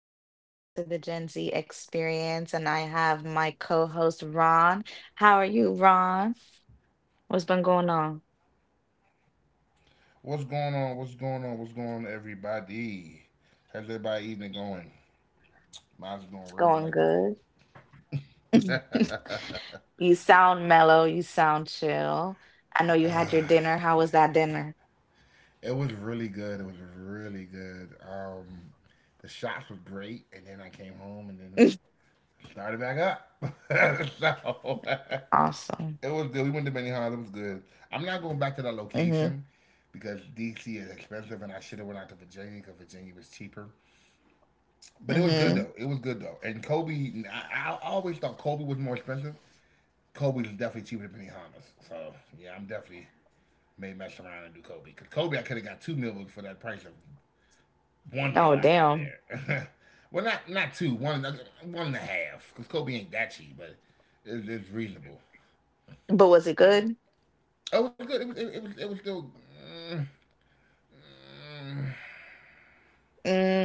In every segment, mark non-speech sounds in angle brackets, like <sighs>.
Welcome back to the Gen Z Experience. And I have my co-host Ron. How are you, Ron? What's been going on? What's going on? What's going on? What's going on, everybody? How's everybody evening going? Mine's going real It's going delectable. good. <laughs> You sound mellow, you sound chill. I know you had your dinner. How was that dinner? <laughs> It was really good. It was really good. The shots was great, and then I came home and then started back up. <laughs> So <laughs> Awesome. it was good. We went to Benihana. It was good. I'm not going back to that Mm-hmm. location because DC is expensive, and I should have went out to Virginia because Virginia was cheaper. But it was good Mm-hmm. though. It was good though. And Kobe, I always thought Kobe was more expensive. Kobe's definitely cheaper than Benihana's. So yeah, I'm definitely may mess around and do Kobe. Cause Kobe, I could have got two meals for that price of one meal Oh, I got damn. there. <laughs> Well, not two, one one and a half. Cause Kobe ain't that cheap, but it's reasonable. But was it You know, good? it was good. It was still.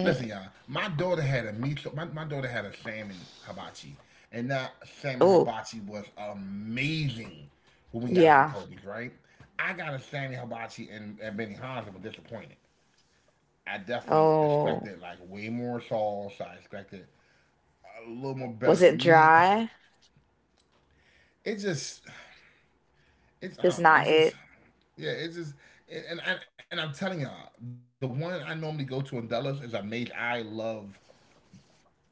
Listen, y'all. My daughter had a miso. My daughter had a salmon hibachi, and that salmon oh, hibachi was amazing when we got it from yeah. Kobe's. Right? I got a salmon hibachi and Benny Hans and was disappointed. I definitely Oh, expected like way more sauce. I expected a little more was better it meat. dry? It just, it's I Just don't know. not It's just, it. yeah. It's just, and I'm telling y'all, the one I normally go to in Dulles is amazed I love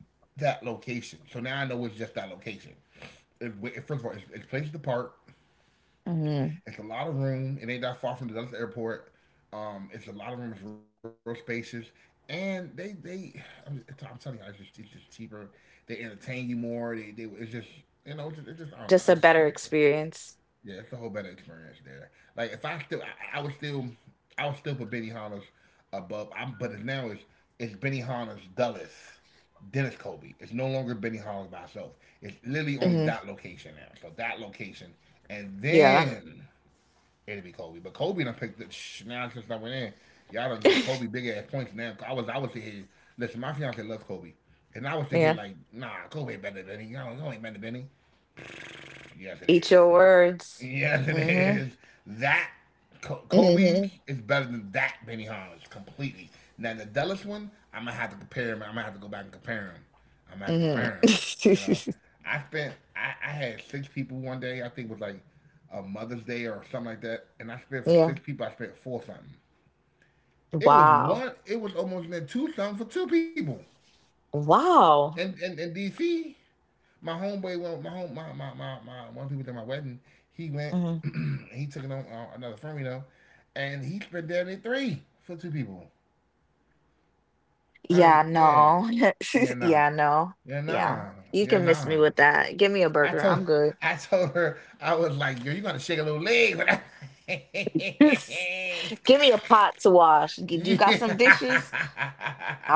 that location. So now I know it's just that location. It, first of all, it's places apart. Mm, It's a lot of room. It ain't that far from the Dulles Airport. It's a lot of room. It's real spacious, and I'm telling you, it's just cheaper. They entertain you more. They it's just it's just I don't know. It's just a just better nicer. experience. Yeah, it's a whole better experience there. Like if I still I would still put Benihana's above. I'm But it's now it's Benihana's Dulles. Dennis Kobe. It's no longer Benny Hollins by itself. It's literally only Hmm. that location now. So that location, and Yeah. then it'd be Kobe, but Kobe done picked the now since I went in. Y'all don't get Kobe big ass points now. I was sitting here. Listen, my fiance loves Kobe, and I was sitting here Yeah. like, nah, Kobe ain't better than Benny. Y'all ain't better than Benny. Yes, it Eat is. your words. Yes, <laughs> it Hmm. is. That Hmm. Kobe's is better than that Benny Holland's completely. Now the Dulles one, I'm gonna have to compare him. I'm gonna have to go back and compare him. I'm gonna have to Hmm. compare him. You know, <laughs> I had 6 people one day. I think it was like a Mother's Day or something like that, and I spent for Yeah. 6 people. I spent four something. It was Wow. one. It was almost near two something for 2 people. Wow. And in DC, my homeboy went. My home. My One of the people at my wedding. He went. Hmm. <clears throat> He took it on another firm, you know, and he spent down in three for 2 people. I Yeah, ain't yeah no. <laughs> yeah nah Yeah, no. yeah Yeah. nah You yeah can miss me nah. with that. Give me a I burger. told I'm good. <laughs> I told her I was like yo you gotta shake a little leg. <laughs> Give me a pot to wash. <laughs> Do you got some Yeah. dishes?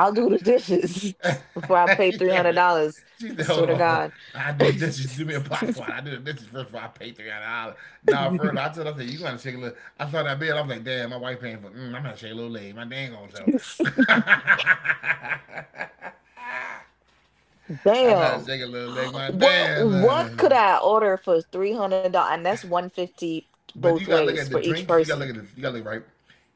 <laughs> do the dishes <laughs> before I <laughs> pay She said it. $300. She said, I hold swear to on. God. I do this. Just do me a box one. I do the dishes first before I pay $300. Now, further, I told her, I said, you gonna shake a little. I saw that bill. I was like, damn, my wife paying for. Mm, I'm gonna shake a little leg. My dang gonna show. <laughs> <laughs> I'm gonna Damn. shake a little leg. My What could damn. I order for $300? And that's 150 But both you gotta look ways at for the each drinks. You gotta person. look at this. You gotta look right.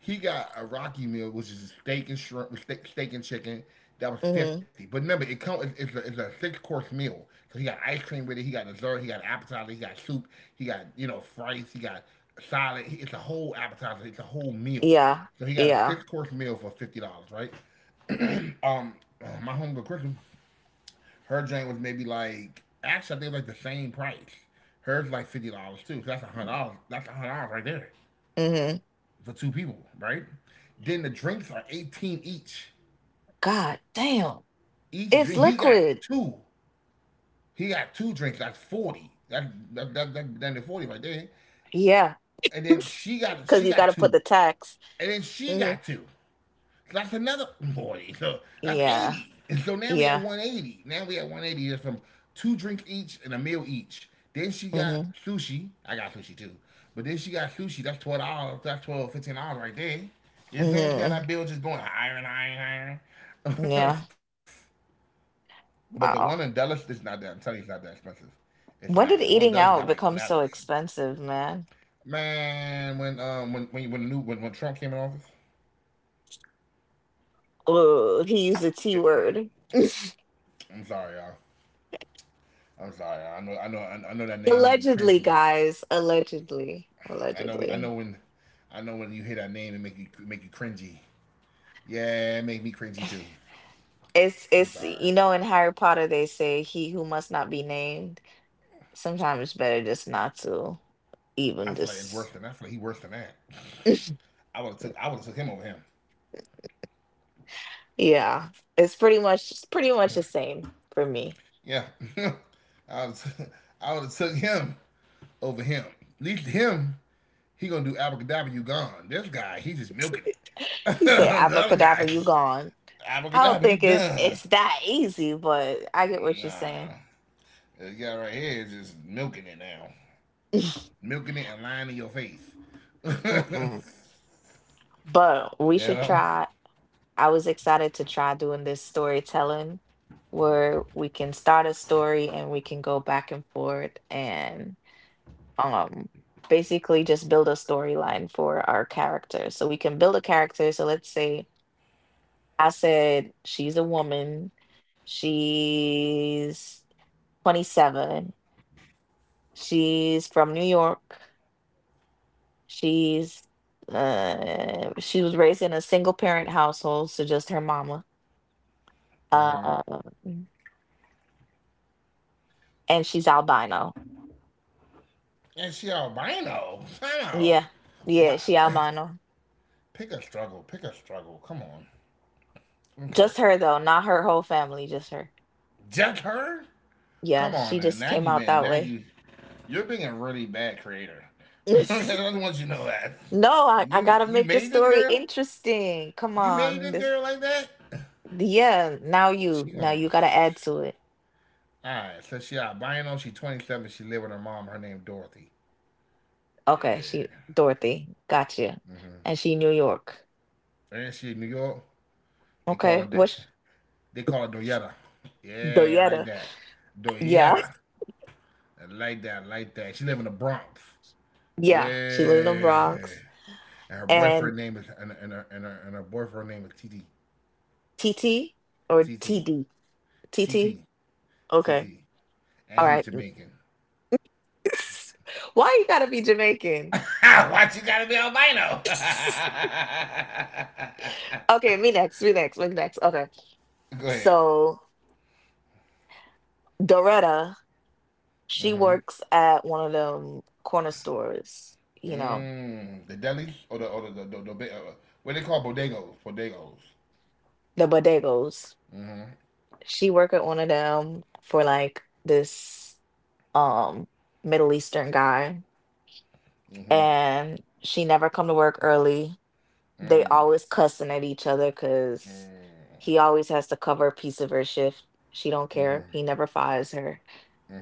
He got a Rocky meal, which is steak and shrimp, with steak, steak and chicken. That was Mm-hmm. 50. But remember, it comes. It's a six course meal. So he got ice cream with it. He got dessert. He got appetizer. He got soup. He got you know fries. He got salad. He, it's a whole appetizer. It's a whole meal. Yeah. So he got a Yeah. six course meal for $50, right? Um, my homegirl Kristen, her drink was maybe like actually I think it was like the same price. Hers was like $50 too. So that's $100. That's $100 right there Mm-hmm. for 2 people, right? Then the drinks are 18 each. God damn. Each It's drink, he got liquid. two. He got two drinks, that's 40. That that that, that, that 40 right there. Yeah. And <laughs> then Cause she you got gotta put two. the tax. And then she Hmm. got two. So that's another 40. So that's Yeah. 80. And so now we at Yeah. 180. Now we at 180. That's from two drink each and a meal each. Then she got Hmm. sushi. I got sushi too. But then she got sushi. That's $12. That's 12 dollars, 15 dollars right there. You know what I'm saying? See how Hmm. that bill just going higher and higher and higher. Yeah. <laughs> But the one in Dallas Wow. is not that. I'm telling you, it's not that expensive. It's not. And the one When in did Dallas got eating like out platters. become so expensive, man? Man, when when the new when Trump came in office, Oh, he used the T word. I'm sorry y'all. I'm sorry. I know. I know. I know that name make you cringe. Allegedly, Right? guys. Allegedly. I know. I know Allegedly. when. I know when you hear that name, it make you cringy. Yeah, it made me cringy too. It's I'm it's sorry. In Harry Potter they say he who must not be named. Sometimes it's better just not to I feel like even it's worse than. I just, feel like he worse than that. I would have took him over him. yeah. It's pretty much the same for me. Yeah. <laughs> I would. I would have took him over him. At least him, he gonna do abracadabra. You gone. This guy, he just milking it. <laughs> He said The other guy, abracadabra, you gone. I don't abracadabra. You think it's gone. it's that easy, but I get what you're saying. Nah. This guy right here is just milking it now. <laughs> Milking it and lying in your face. <laughs> You Mm-mm. But we should know? try. I was excited to try doing this storytelling where we can start a story and we can go back and forth and. Um basically just build a storyline for our character, so we can build a character. So let's say I said she's a woman, she's 27, she's from New York, she's she was raised in a single parent household, so just her mama, uh and she's albino. And she albino. I know. Yeah. Wow. Yeah, she albino. Pick a struggle. Pick a struggle. Come on. Okay. Just her though, not her whole family, just her. Just her? Yeah, Come on she now. just Now came you out been that now way. you You're being a really bad creator. <laughs> I <laughs> just want you to know that. No, I You gotta you make the made this story girl? interesting. Come You made on. this This girl like that? Yeah, now you She now gonna you gotta add to it. alright, so she albino, she 27, she live with her mom, her name Dorothy. Okay, she Yeah. Dorothy, gotcha. And she New York. And she in New York? They call Okay, it what's they call it Doyetta. Yeah, I like Doyetta? that. Yeah, Doyetta. I like that, I like that. She live in the Bronx. <laughs> yeah. She lives in the Yeah. Bronx. And her And boyfriend name is and her and her, and her boyfriend name is TT. TT or T TT. D T T. TT. TT. Okay. All And he right. Jamaican. <laughs> Why you gotta be <laughs> Jamaican? Why you gotta be albino? <laughs> <laughs> Okay, me next, me next, me next. Okay. Go ahead. So Doretta. She Mhm. works at one of them corner stores, you know, Mm, the delis or the what they call bodegos, bodegos. the bodegos. She work at one of them for like this um Middle Eastern guy, Mm-hmm. and she never come to work early. They always cussing at each other because Mm-hmm. he always has to cover a piece of her shift. She don't care. He never fires her.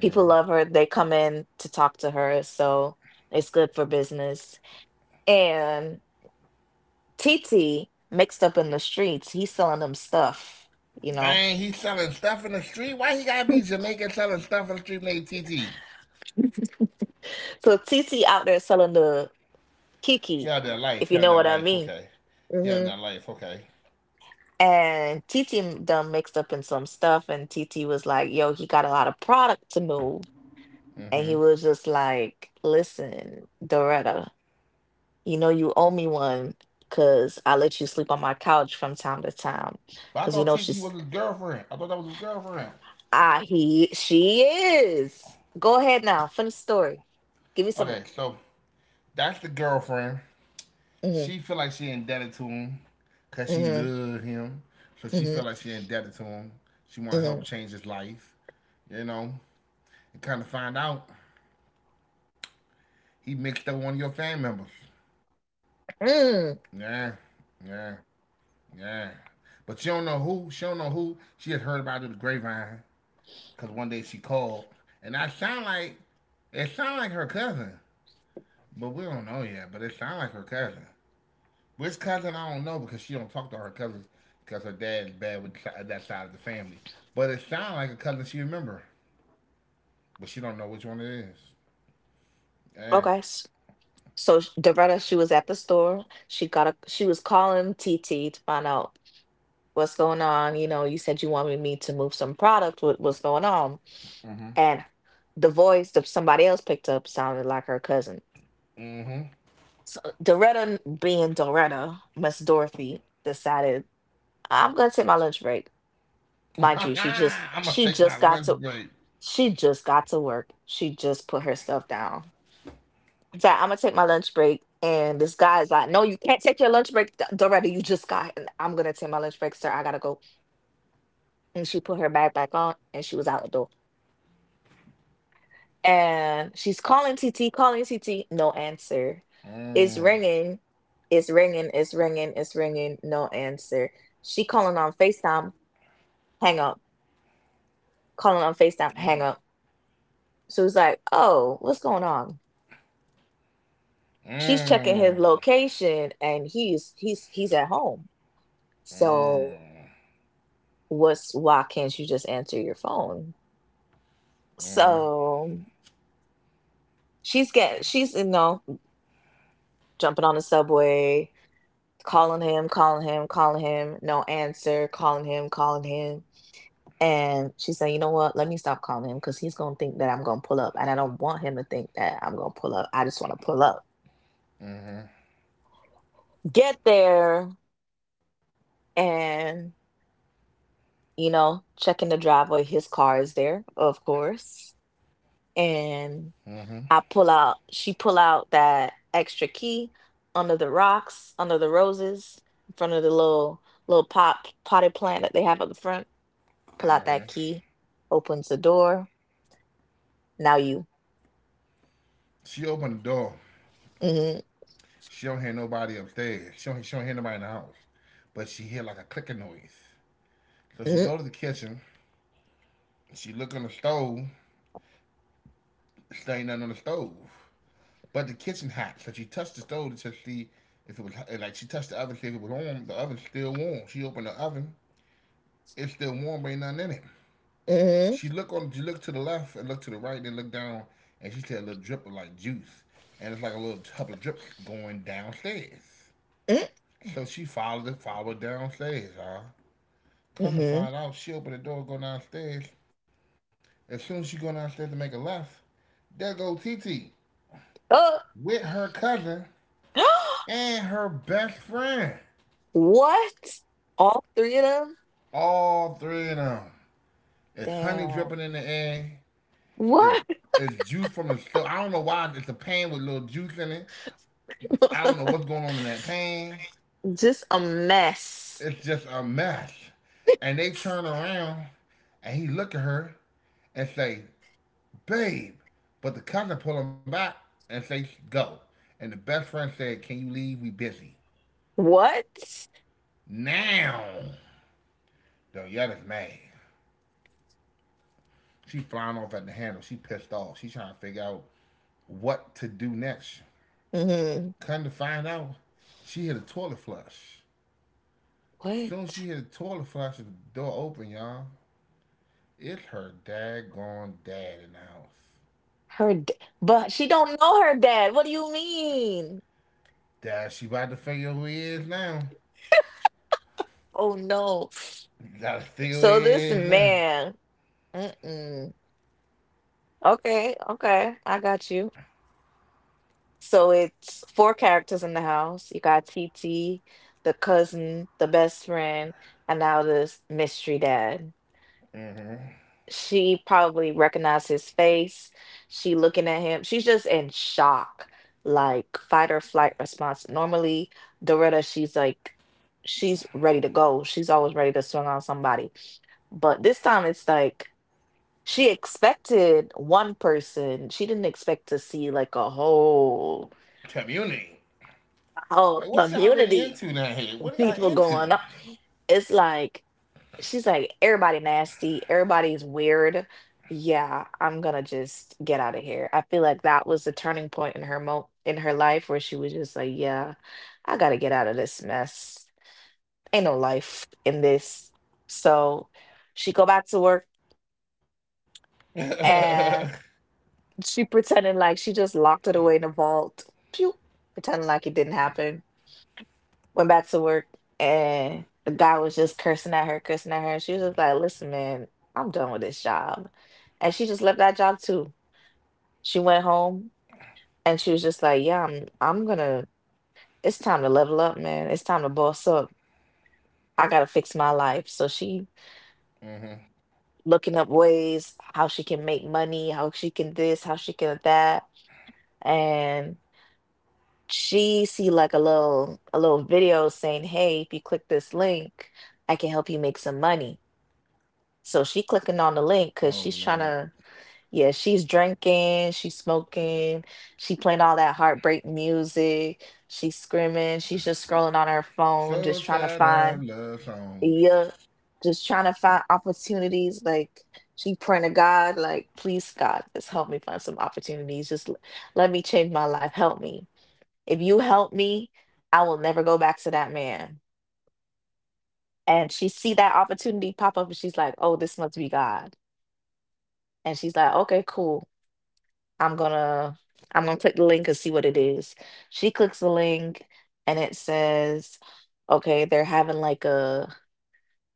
People love her. They come in to talk to her, so it's good for business. And. TT mixed up in the streets, he's selling them stuff, you know. Dang, he's selling stuff in the street. Why he gotta be <laughs> Jamaican selling stuff in the street named TT? So TT out there selling the He Kiki, had that life. if He you had know that what I life. mean. Okay. He had Hmm. that life. Okay. And TT done mixed up in some stuff, and TT was like, "Yo, he got a lot of product to move," and he was just like, "Listen, Doretta, you know you owe me one. Cause I let you sleep on my couch from time to time, But I cause you thought know TT was she's—" his girlfriend. I thought that was his girlfriend. Ah, he she is. Go ahead now. Finish the story. Give me some. Okay, so that's the girlfriend. Mm-hmm, She feel like she indebted to him because she mm-hmm, loved him. So she mm-hmm, feel like she indebted to him. She want to mm-hmm. help change his life. You know, and kind of find out he mixed up one of your family members. Mm. Yeah, yeah. Yeah. But she don't know who. She don't know who. She just heard about it with the grapevine. Cause one day she called, and I sound like it sound like her cousin, but we don't know yet. But it sound like her cousin. Which cousin I don't know because she don't talk to her cousins because her dad is bad with that side of the family. But it sound like a cousin she remember, but she don't know which one it is. Yeah. Okay. So Doretta, she was at the store. She got a. She was calling TT to find out what's going on. You know, you said you wanted me to move some product. What's going on? And the voice that somebody else picked up sounded like her cousin. So Doretta, being Doretta, Miss Dorothy, decided I'm gonna take my lunch break. Mind <laughs> you, I'm gonna take my lunch break. she just got to work. She just put her stuff down. In I'm gonna take my lunch break, and this guy is like, "No, you can't take your lunch break, Doretta. You just got." And I'm gonna take my lunch break, sir. I gotta go. And she put her bag back on, and she was out the door. And she's calling TT, calling TT, no answer. It's Mm, ringing, it's ringing, it's ringing, it's ringing, no answer. She calling on Facetime, hang up. Calling on Facetime, hang up. So it's like, oh, what's going on? She's checking his mm, location, and he's at home. So mm, what's why can't you just answer your phone? So she's get she's you know jumping on the subway, calling him, calling him, calling him, no answer, calling him, calling him. And she said, you know what? Let me stop calling him because he's gonna think that I'm gonna pull up, and I don't want him to think that I'm gonna pull up. I just want to pull up. Get there, and you know, checking the driveway. His car is there, of course. And she pull out that extra key under the rocks, under the roses, in front of the little potted plant that they have at the front. Pull out that mm. key, opens the door. Now you. She opened the door. Mm-hmm. She don't hear nobody upstairs. She don't hear nobody in the house. But she hear like a clicking noise. So she Mm-hmm. go to the kitchen. She look on the stove. There ain't nothing on the stove. But the kitchen hot. So she touched the stove to see if it was hot. Like she touched the oven to see if it was warm. The oven's still warm. She opened the oven. It's still warm, but ain't nothing in it. She look on. She look to the left and look to the right, then look down, and she see a little drip of like juice, and it's like a little tub of drip going downstairs. Mm-hmm. So she followed it, followed downstairs, y'all. Come to Mm-hmm. find out, she opened the door, go downstairs. As soon as she go downstairs to make a left, there go TT Oh, with her cousin <gasps> and her best friend. what? All three of them? All three of them. It's honey Damn. dripping in the air. It's, What? it's juice from the stove. I don't know why it's a pan with little juice in it. I don't know what's <laughs> going on in that pan. Just a mess. It's just a mess. And they turn around and he look at her and say, babe. But the cousin pull him back and say, go. And the best friend said, can you leave? We busy. What? Now. Yodetta's mad. She flying off at the handle. She pissed off. She trying to figure out what to do next. Hmm. Come to find out, she hit a toilet flush. Soon as What? she hit a toilet flush, the door open, y'all. It's her daggone dad in the house. Her, d- but she don't know her dad. What do you mean? Dad, she about to figure who he is now. Oh no. You gotta figure who he So this is now. man. Mm-mm. Okay, okay, I got you. So it's four characters in the house. You got TT, the cousin, the best friend, and now this mystery dad. She probably recognized his face. She looking at him. She's just in shock, like fight or flight response. Normally, Doretta, she's like, she's ready to go. She's always ready to swing on somebody. But this time it's like she expected one person. She didn't expect to see like a Community. whole Like, what y'all already community into now here? of What are people y'all into? going on. It's like she's like, everybody nasty, everybody's weird. Yeah, I'm gonna just get out of here. I feel like that was the turning point in her life, where she was just like, yeah, I gotta get out of this mess. Ain't no life in this. So she go back to work, and she pretended like she just locked it away in a vault. Pew, pretending like it didn't happen, went back to work, and the guy was just cursing at her, cursing at her. And she was just like, listen, man, I'm done with this job. And she just left that job too. She went home and she was just like, yeah, it's time to level up, man. It's time to boss up. I gotta fix my life. So she looking up ways how she can make money, how she can this, how she can that. And she see like a little video saying, Hey, if you click this link, I can help you make some money. So she clicking <laughs> on the Oh, link Lord. because she's trying to, yeah, she's drinking, she's smoking, she playing all that heartbreak music, she's screaming, she's just scrolling on her So phone, sad just trying to of love find, songs. yeah, just trying to find opportunities. Like she praying to God, like, please, God, just help me find some opportunities. Just let me change my life. Help me. If you help me, I will never go back to that man. And she see that opportunity pop up and she's like, oh, this must be God. And she's like, okay, cool. I'm gonna I'm gonna click the link and see what it is. She clicks the link and it says, okay, they're having like a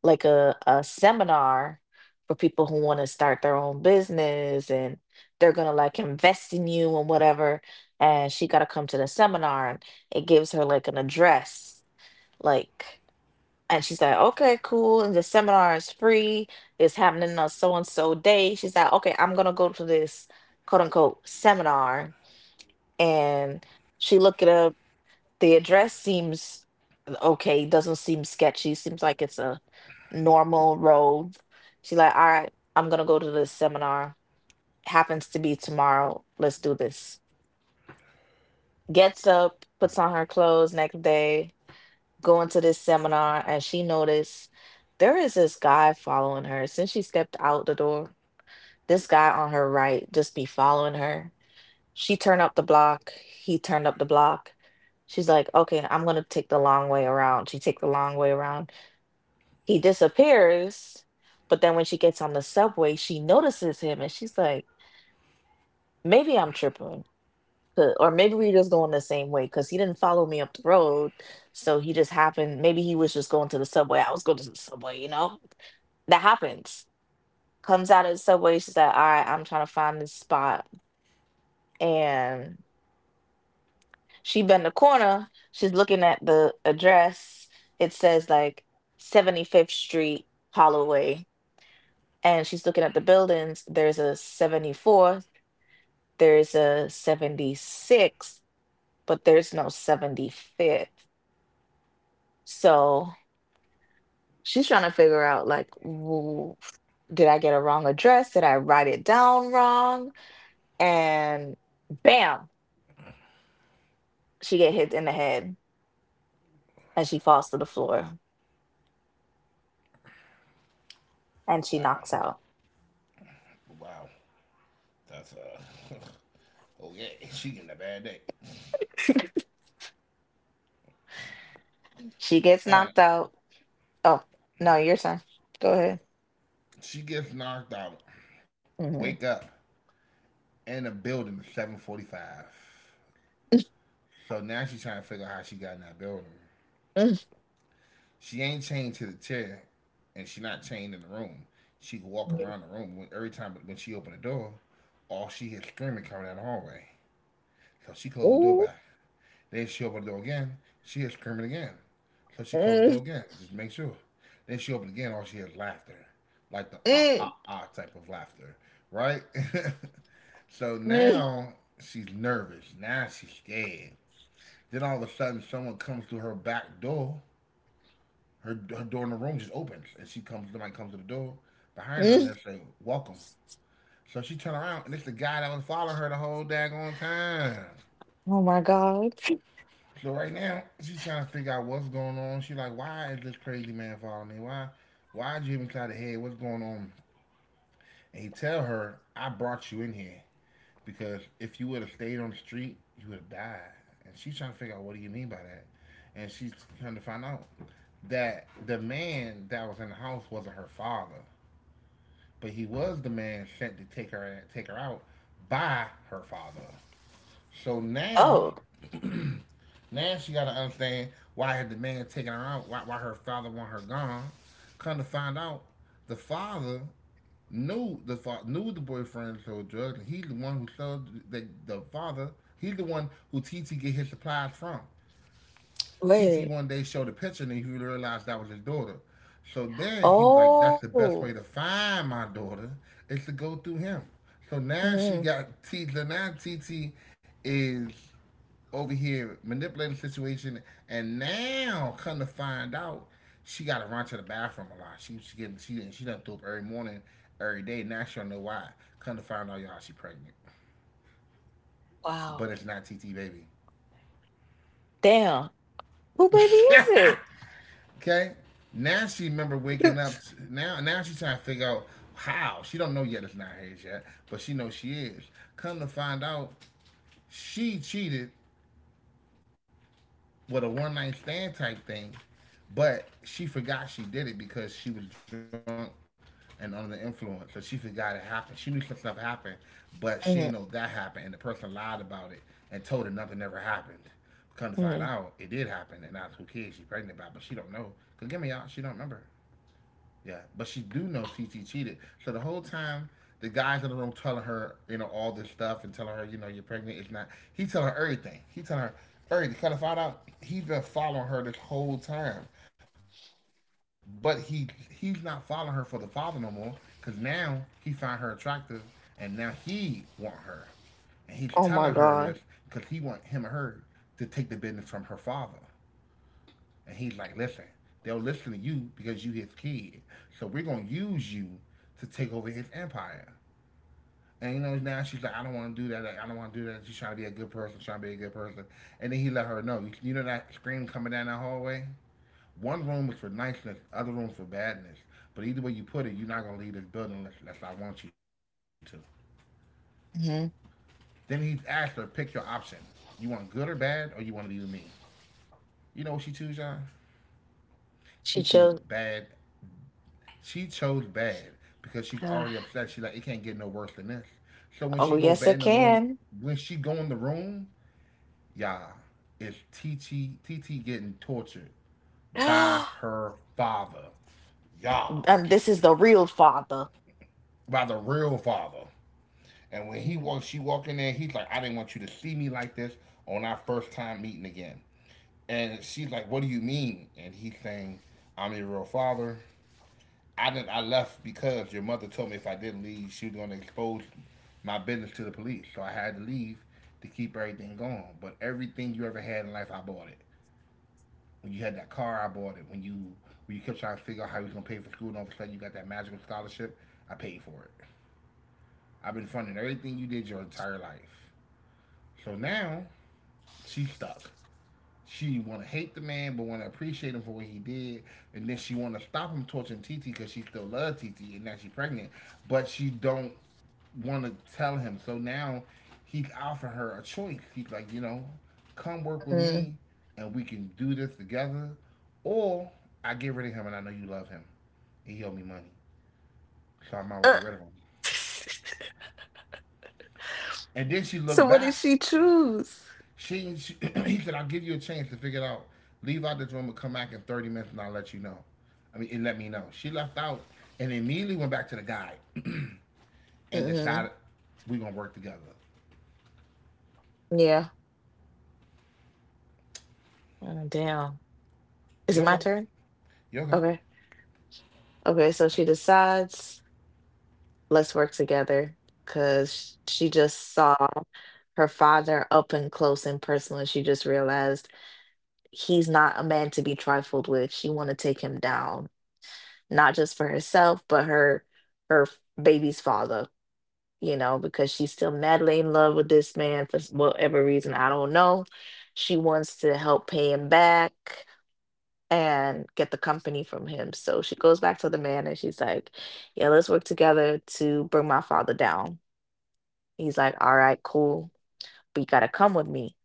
like a, a seminar for people who want to start their own business, and they're gonna like invest in you and whatever. And she gotta come to the seminar, and it gives her like an address, like, and she's like, okay, cool. And the seminar is free. It's happening on so and so day. She's like, okay, I'm gonna go to this quote unquote seminar, and she looked it up. The address seems okay, doesn't seem sketchy, seems like it's a normal road. She's like, all right, I'm gonna go to this seminar. Happens to be tomorrow. Let's do this. Gets up, puts on her clothes next day, going to this seminar, and she noticed there is this guy following her. Since she stepped out the door, this guy on her right just be following her. She turned up the block. He turned up the block. She's like, okay, I'm gonna take the long way around. She take the long way around. He disappears, but then when she gets on the subway, she notices him and she's like, maybe I'm tripping. Or maybe we just going the same way because he didn't follow me up the road. So he just happened. Maybe he was just going to the subway. I was going to the subway, you know? That happens. Comes out of the subway. She's like, all right, I'm trying to find this spot. And. She bent the corner. She's looking at the address. It says like 75th Street, Holloway. And she's looking at the buildings. There's a 74th, there's a 76th, but there's no 75th. So she's trying to figure out, like, did I get a wrong address? Did I write it down wrong? And bam, she get hit in the head, and she falls to the floor, and she Wow. knocks out. Wow. That's, <laughs> oh, yeah. She getting a bad day. She gets All right. knocked out. Oh, no, your turn. Go ahead. She gets knocked out. Wake Mhm. up in the building at 745. So now she's trying to figure out how she got in that building. Mm. She ain't chained to the chair, and she not chained in the room. She can walk Mm. around the room. When, every time when she open the door, all she hears screaming coming down the hallway. So she closed the door Ooh. back. Then she opened the door again. She hears screaming again. So she closed the door Mm. again, just to make sure. Then she opened again. All she hears laughter, like the ah Mm. ah ah type of laughter, right? <laughs> So Mm. now she's nervous. Now she's scared. Then all of a sudden, someone comes through her back door her door in the room just opens, and she comes. Somebody comes to the door behind her, and Mm. they say, "Welcome." So she turned around, and it's the guy that was following her the whole daggone time. Oh my God. <laughs> So right now, she's trying to figure out what's going on. She's like, "Why is this crazy man following me? Why did you even try to head? What's going on?" And he tell her, "I brought you in here because if you would have stayed on the street, you would have died." And she's trying to figure out what do you mean by that, and she's trying to find out that the man that was in the house wasn't her father, but he was the man sent to take her out by her father. So now, Oh. now she got to understand why the man taking her out, why her father want her gone. Come to find out, the father knew the knew the boyfriend sold drugs, and he's the one who sold the father. He's the one who T T get his supplies from. TT Wait. one day showed a picture and he realized that was his daughter. So then he was like, that's the best Oh. way to find my daughter is to go through him. So now she Mm. got T. T, So now TT is over here manipulating the situation. And now, come to find out, she got to run to the bathroom a lot. She getting she done threw up every morning, every day. Now she don't know why. Come to find out, y'all, she pregnant, Wow. but it's not TT baby. Damn. Who baby is <laughs> it? Okay, now she remember waking up. <laughs> T Now, now she's trying to figure out how. She don't know yet it's not hers yet, but she knows she is. Come to find out, she cheated with a one night stand type thing, but she forgot she did it because she was drunk and under the influence. So she forgot it happened. She knew some stuff happened, but she didn't know that Mm. happened, and the person lied about it and told her nothing ever happened. Come to find out, Mm. it did happen, and that's who kid she pregnant by, but she don't know. Cause give me y'all, she don't remember. Yeah, but she do know TT cheated. So the whole time, the guys in the room telling her, you know, all this stuff and telling her, you know, you're pregnant. It's not. He telling her everything. He telling her everything. Cause I found out he's been following her this whole time, but he's not following her for the father no more. Cause now he find her attractive, and now he want her, and he's telling her this Oh my because he God. want him or her to take the business from her father. And he's like, listen, they'll listen to you because you his kid. So we're gonna use you to take over his empire. And you know, now she's like, I don't want to do that. Like, I don't want to do that. She's trying to be a good person. Trying to be a good person. And then he let her know. You know that scream coming down that hallway. One room is for niceness. Other room for badness. But either way you put it, you're not gonna leave this building unless I want you to. Mm. Then he asked her, pick your option. You want good or bad, or you want to be with me? You know what she choose, John? She She choose chose. bad She chose bad because she's already Ah, upset. She like it can't get no worse than this. So oh, yes, it can. when she go in the room, yeah, it's TT getting tortured <gasps> by And her father, yeah, this is the real father. by the real father. And when he Mm. walks, she walk in there. He's like, I didn't want you to see me like this on our first time meeting again. And she's like, What do you mean? And he's saying, I'm your real father. I didn't. I left because your mother told me if I didn't leave, she was going to expose my business to the police. So I had to leave to keep everything going. But everything you ever had in life, I bought it. When you had that car, I bought it. When you kept trying to figure out how you was gonna pay for school, and all of a sudden you got that magical scholarship, I paid for it. I've been funding everything you did your entire life. So now she's stuck. She want to hate the man, but want to appreciate him for what he did, and then she want to stop him torturing Titi because she still loves Titi, and now she's pregnant, but she don't want to tell him. So now he's offering her a choice. He's like, you know, come work with Mm. me, and we can do this together, or I get rid of him, and I know you love him, and he owe me money, so I might as well Uh, get rid of him. <laughs> And then she so, looked what did back she choose? she <clears throat> he said, I'll give you a chance to figure it out. Leave out this room and come back in 30 minutes and I'll let you know. I mean, and let me know. She left out and immediately went back to the guy and Hmm. decided we're going to work together. Yeah. Oh, damn. Is it Yoga. my turn? Yoga. Okay. Okay, so she decides, let's work together because she just saw her father up and close and personal. And she just realized he's not a man to be trifled with. She want to take him down, not just for herself, but her baby's father, because she's still madly in love with this man for whatever reason, I don't know. She wants to help pay him back and get the company from him. So she goes back to the man and she's like, yeah, let's work together to bring my father down. He's like, all right, cool, but you gotta come with me.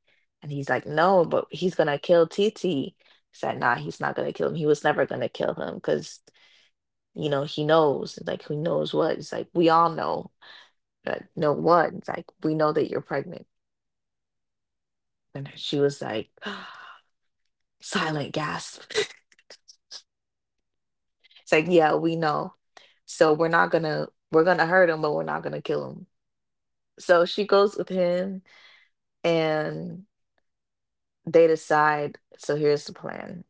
And he's like, no, but he's gonna kill TT. Said, nah, he's not gonna kill him. He was never gonna kill him because he knows. Like he knows what? It's like we all know. Like, know what? It's like we know that you're pregnant. And she was like, <gasps> silent gasp. <laughs> It's like, yeah, we know. So we're not gonna we're gonna hurt him, but we're not gonna kill him. So she goes with him, and they decide, so here's the plan.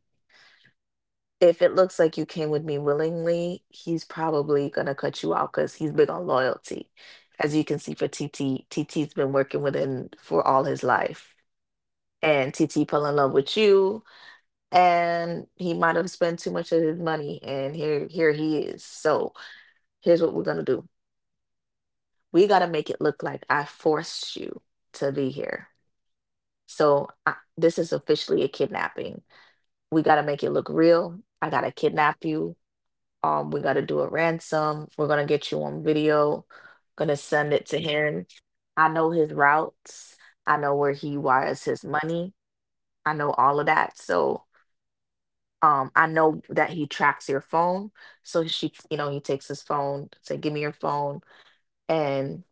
If it looks like you came with me willingly, he's probably gonna cut you out because he's big on loyalty. As you can see for TT, TT's been working with him for all his life. And TT fell in love with you, and he might have spent too much of his money, and here he is. So here's what we're gonna do. We got to make it look like I forced you to be here. So, this is officially a kidnapping. We got to make it look real. I got to kidnap you. We got to do a ransom. We're going to get you on video. Going to send it to him. I know his routes. I know where he wires his money. I know all of that. So, I know that he tracks your phone. So he takes his phone, say, give me your phone. And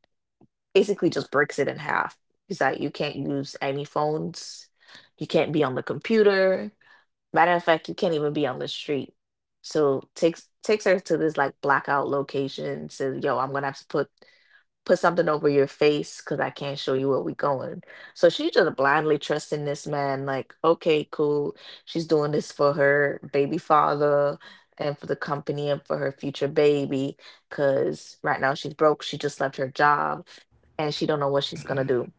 basically just breaks it in half. He's like, you can't use any phones, you can't be on the computer. Matter of fact, you can't even be on the street. So takes her to this like blackout location. Says, "Yo, I'm gonna have to put something over your face because I can't show you where we going." So she just blindly trusting this man, like, okay, cool. She's doing this for her baby father and for the company and for her future baby because right now she's broke. She just left her job, and she don't know what she's gonna do.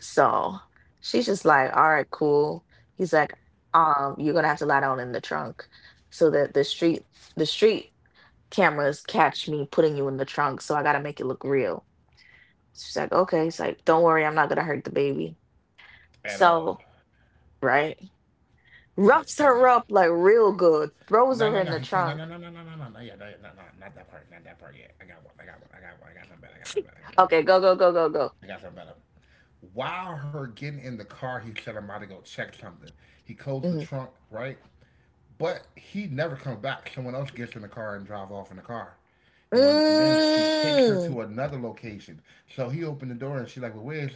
So she's just like, all right, cool. He's like, you're gonna have to lie down in the trunk so that the street cameras catch me putting you in the trunk. So I gotta make it look real. She's like, okay. It's like, don't worry, I'm not gonna hurt the baby. At all. So, right? Okay, Roughs tap me her in. up like real good, throws No, no, her no, in the he can't. No, no, trunk. no, no, no, no, no, no, yeah, no, yeah, no, no, not that part, not that part yet. I got one, I got one, I got one, I got something better, I got something better, I got something Okay, better, go, go, go, go, go. I got something better. While her getting in the car, he said, I'm about to go check something. He closed the Mhm. trunk, right? But he never comes back. Someone else gets in the car and drive off in the car. You want, and then she takes her Mm, to another location. So he opened the door and she's like, "Well,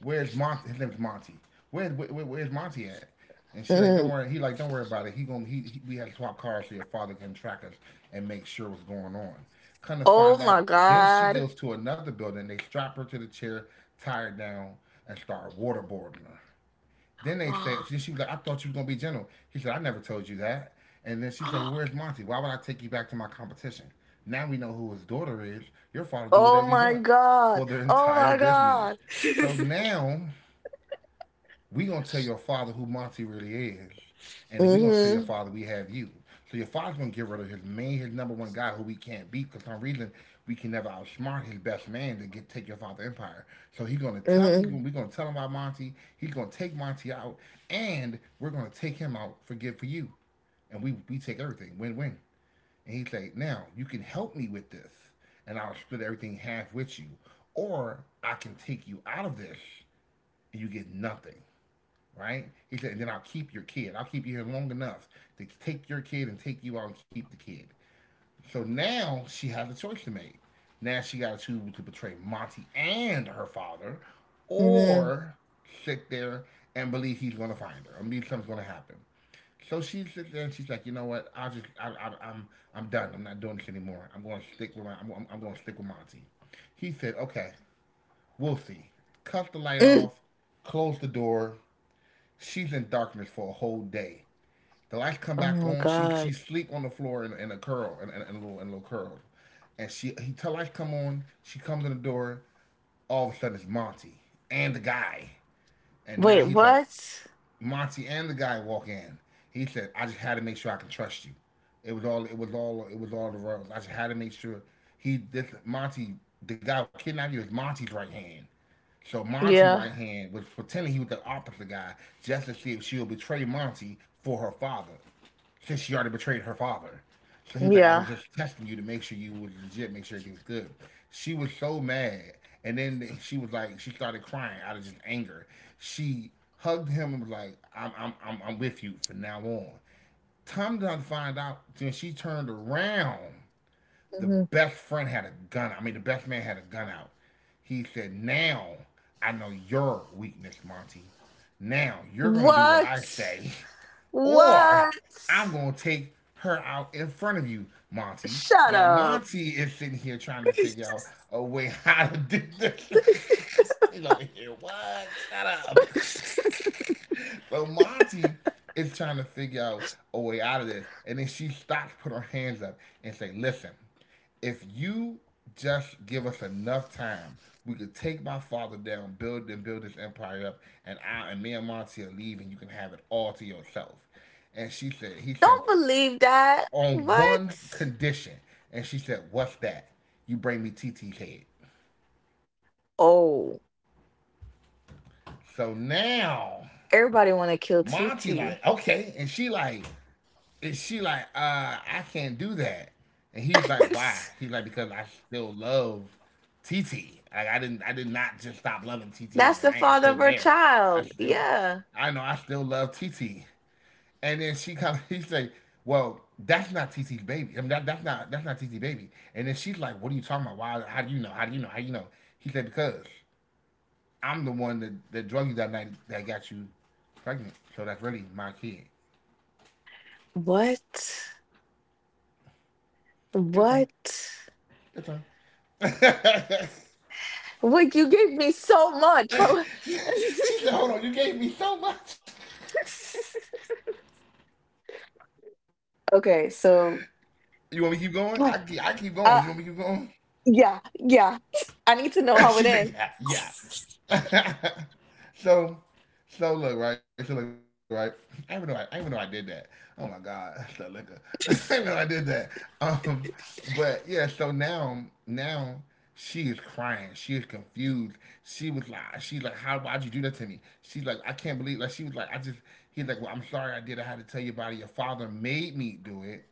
where's Monty? His name's Monty. Where's Monty at?" And she like, "Don't mm. worry." "Don't worry about it. He gonna he we had to swap cars so your father can track us and make sure what's going on." Kind of Oh find my out. Then she God. goes to another building. They strap her to the chair, tie her down, and start waterboarding her. Then they said, <gasps> she was like, I thought you was gonna be general. He said, I never told you that. And then she said, Well, where's Monty? Why would I take you back to my competition? Now we know who his daughter is. Your father do Oh whatever he my wants God. for their <laughs> Oh entire my business. God. So <laughs> now we gonna tell your father who Monty really is, and then we gonna tell your Mm-hmm, father we have you. So your father's gonna get rid of his number one guy who we can't beat because for some reason we can never outsmart his best man to get take your father empire. So he's gonna tell he's mm-hmm, gonna, we gonna tell him about Monty. He's gonna take Monty out, and we're gonna take him out for good for you, and we take everything win win. And he's like, now you can help me with this, and I'll split everything half with you, or I can take you out of this and you get nothing, right? He said, and then I'll keep your kid. I'll keep you here long enough to take your kid and take you out and keep the kid. So now she has a choice to make. Now she got to choose to betray Monty and her father, mm-hmm. or sit there and believe he's going to find her, or believe something's going to happen. So she sits there and she's like, you know what? I'll just, I, I'm done. I'm not doing this anymore. I'm going to stick with my, I'm going to stick with Monty. He said, okay, we'll see. Cut the light Mm. off, close the door. She's in darkness for a whole day. The lights come Oh back my on. She God. sleep on the floor in a curl and in a little curl, and she he tell lights come on. She comes in the door. All of a sudden, it's Monty and the guy, and now Wait, he's like, what? Monty and the guy walk in. He said, "I just had to make sure I can trust you. It was all the rules. I just had to make sure he. This Monty, the guy who kidnapped you, is Monty's right hand." So Monty's right Yeah, hand was pretending he was the opposite guy just to see if she'll betray Monty for her father since she already betrayed her father. So he was like, I was yeah. just testing you to make sure you was legit, make sure everything was good. She was so mad. And then she started crying out of just anger. She hugged him and was like, I'm with you from now on. Tom down not find out when she turned around, the Hmm. best friend had a gun. I mean, the best man had a gun out. He said, now I know your weakness, Monty. Now you're going to do what I What? say, <laughs> or What? I'm gonna take her out in front of you, Monty. Shut Now up. Monty is sitting here trying to figure out <laughs> a way <laughs> how to do this. <laughs> She's over here. What? Shut up. Well, Monty is trying to figure out a way out of this, and then she stops, put her hands up, and say, "Listen, if you just give us enough time, we could take my father down, build and build this empire up, and I and me and Monty are leaving. You can have it all to yourself." And she said, "He said Don't believe that. on one What? condition," and she said, "What's that? You bring me TT's head." Oh, So now everybody Monty want to like, kill okay, and Titi. she like, I can't do that. And he's like, why? He's like, because I <laughs> still love TT. Like I did not just stop loving TT overnight. That's It's the still father of there. her I child. still, Yeah. I know I still love TT. And then she comes, <laughs> he's like, well, that's not TT's baby. I mean, that's not TT baby. And then she's like, what are you talking about? Why? How do you know? How do you know? How do you know? He said, because I'm the one that drug you that night that got you pregnant. So that's really my kid. What? Your turn. What? That's fine. <laughs> What? You gave me so much. She said, "Hold on, you gave me so much." <laughs> Okay, so You want me to keep going? I keep yeah, going. You want me to keep uh, going? yeah, yeah. <laughs> I <laughs> need to And know she's how it like, ends. yeah, yeah. <laughs> so, so look right. So look right. I even know I did that. Oh my god, <laughs> that's the liquor. <laughs> I even know I did that. Um, but yeah. So now she is crying. She is confused. She's like, how? Why'd you do that to me? She's like, I can't believe. Like she was like, I just. He's <laughs> like, well, I'm sorry I did. I had to tell you about it. Your father made me do it.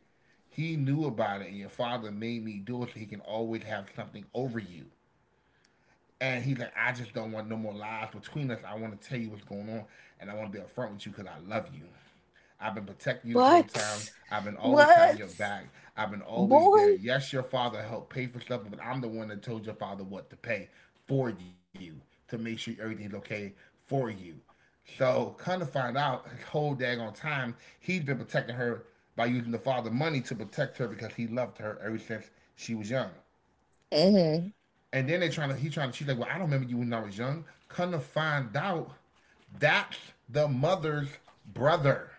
He knew about it, and your father made me do it so he can always have something over you. And he's like, I just don't want no more lies between us. I want to tell you what's going on, and I want to be upfront with you because I love you. I've been protecting you this whole time. What? I've been always having What? your back. I've been always Boy. there. Yes, your father helped pay for stuff, but I'm the one that told your father what to pay for you to make sure everything's okay for you. So, come to find out, his whole daggone time, he's been protecting her by using the father money to protect her because he loved her ever since she was young. Hmm. And then they trying to he trying to she's like, well, I don't remember you when I was young. Come to find out, that's the mother's brother.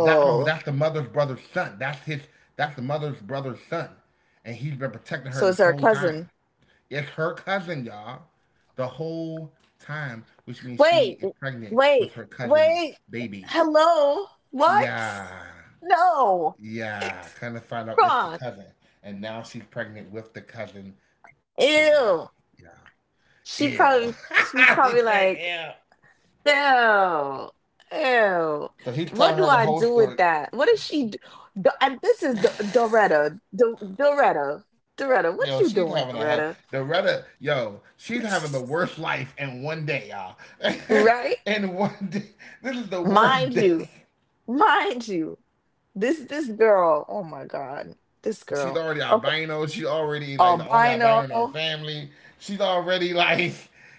That, no, that's the mother's brother's son. That's his. That's the mother's brother's son, and he's been protecting her So this it's our whole time. cousin. It's her cousin, y'all, the whole time, which means Wait, she is pregnant wait, with her cousin's wait. baby. Hello? What? Yeah, No. yeah. Kind of find out it's the Wrong. cousin, and now she's pregnant with the cousin baby. Ew. She Ill. probably <laughs> she's he probably said ill. like, ew. Ew. So he's What telling do her the I whole do with story. that? What is she do? And this is Doretta. Doretta. Doretta, Yo, what she's you having a doing, hell. Doretta? Loretta, yo, she's having the <laughs> worst life in one day, y'all. <laughs> Right? in one day, this is the worst Mind you, day. mind you, this girl, oh my God, this She's girl. already Okay, albino. She's already like the only albino. albino in her family. She's already like,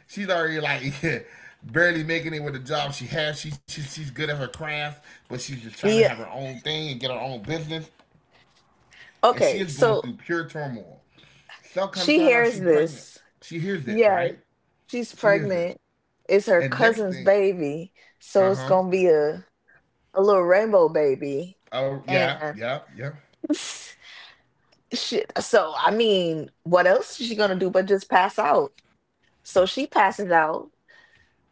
she's already like <laughs> barely making it with the job she has. She's good at her craft, but she's just trying to Yeah, have her own thing and get her own business. And she okay, is going so through pure turmoil. Cell kind of she find out hears she pregnant. this. She hears this, Yeah, right? she's She hears this. pregnant. It's her And next cousin's thing, baby, so uh it's huh. gonna be a little rainbow baby. Oh yeah, And yeah, yeah. <laughs> shit. So I mean, what else is she gonna do but just pass out? So she passes out.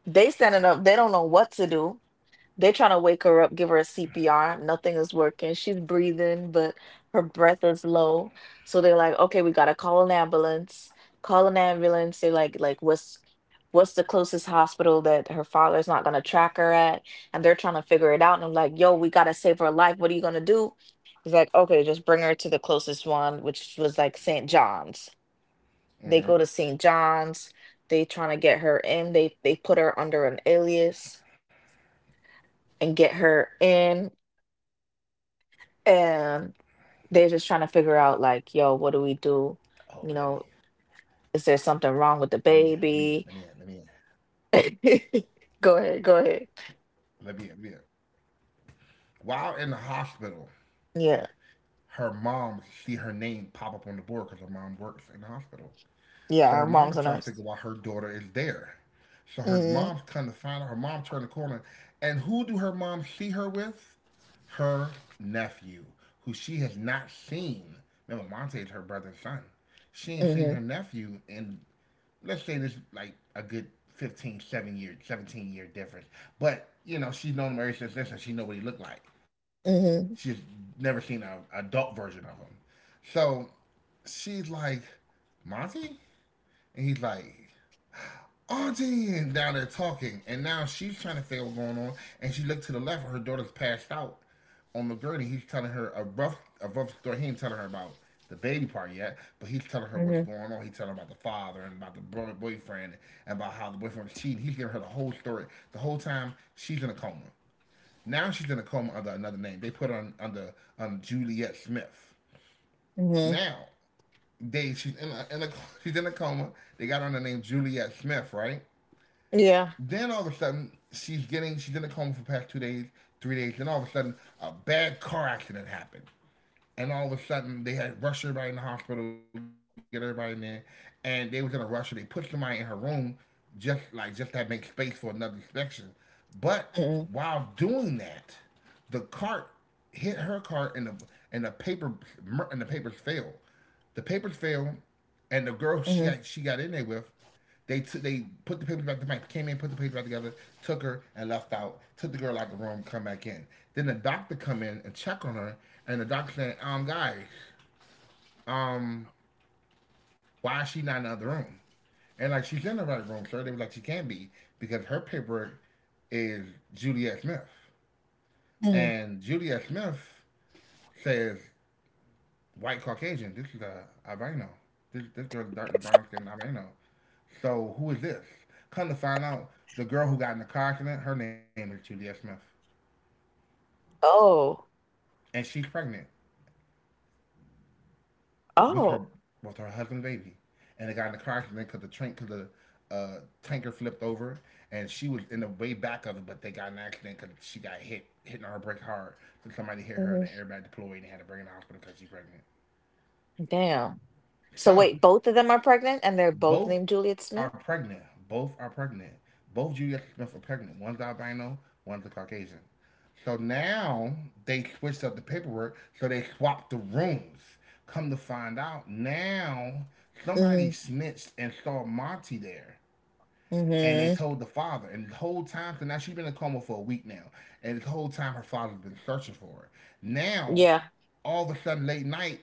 They standing up. They don't know what to do. They're trying to wake her up, give her a CPR. Nothing is working. She's breathing, but her breath is low. So they're like, okay, we gotta call an ambulance. Call an ambulance. They're like, what's the closest hospital that her father's not gonna track her at? And they're trying to figure it out. And I'm like, yo, we gotta save her life. What are you gonna do? He's like, okay, just bring her to the closest one, which was like St. John's. They go Mm-hmm. to St. John's. They trying to get her in. They put her under an alias and get her in, and they're just trying to figure out, like, Oh, yo, what do we do, you know let is me there in, let something me in, wrong let with me the in, let me in, baby? <laughs> Go ahead, go ahead. let me in, let me in. While in the hospital, Yeah, her mom see her name pop up on the board because her mom works in the hospital. So yeah, her our mom is mom's a trying to figure nurse. why her daughter is there. So her Mm-hmm. mom's kind of find her. Her mom turned the corner, and who do her mom see her with? Her nephew, who she has not seen. Remember, Monte is her brother's son. She ain't seen Mm-hmm. her nephew in, let's say this like a good 17-year difference. But, she's known him ever since this, and she know what he looked like. Mm-hmm. She's never seen an adult version of him. So she's like, Monty? And he's like, Auntie, and down there talking. And now she's trying to figure out what's going on. And she looked to the left, and her daughter's passed out on the gurney. He's telling her a rough story. He ain't telling her about the baby part yet, but he's telling her what's Mm-hmm, going on. He's telling her about the father and about the boyfriend and about how the boyfriend was cheating. He's giving her the whole story. The whole time she's in a coma. Now she's in a coma under another name. They put her under Juliet Smith. mm-hmm. Now they she's in a she's in a coma. They got her under the name Juliet Smith, right? Yeah. Then all of a sudden she's in a coma for the past 2 days, 3 days. And all of a sudden a bad car accident happened, and all of a sudden they had rushed everybody in the hospital, get everybody in there, and they was in a rush. So they put somebody in her room, just to make space for another inspection. But Mm-hmm, while doing that, the cart hit her cart, and and the paper the papers fell. The papers fell, and the girl she mm-hmm, got, she got in there with they put the papers back. The bank came in, put the papers back together, took her and left out. Took the girl out the room, come back in. Then the doctor come in and check on her, and the doctor said, Guys, why is she not in the other room?" And like she's in the right room, sir. They were like, she can not be because her paperwork is Juliet Smith, mm-hmm. and Juliet Smith says white Caucasian. This is a albino. This girl's dark brown skin albino. So who is this? Come to find out, the girl who got in the car accident, her name is Julia Smith, Oh. and she's pregnant with her Oh. with her husband baby, and they got in the car accident because the tanker flipped over, and she was in the way back of it, but they got in an accident because she got hitting her brake hard, so somebody hit her, the Hmm. airbag deployed, and had to bring her to the hospital because she's pregnant. Damn. So So wait, both of them are pregnant, and they're both both named Juliet are Smith? pregnant. Both are pregnant. Both Julia Smith are pregnant. One's albino, one's a Caucasian. So now they switched up the paperwork, so they swapped the rooms. Come to find out, now somebody Mm-hmm. snitched and saw Monty there. And they Mm-hmm. told the father, and the whole time, so now she's been in a coma for a week now, and the whole time her father's been searching for her. Now, Yeah. all of a sudden, late night,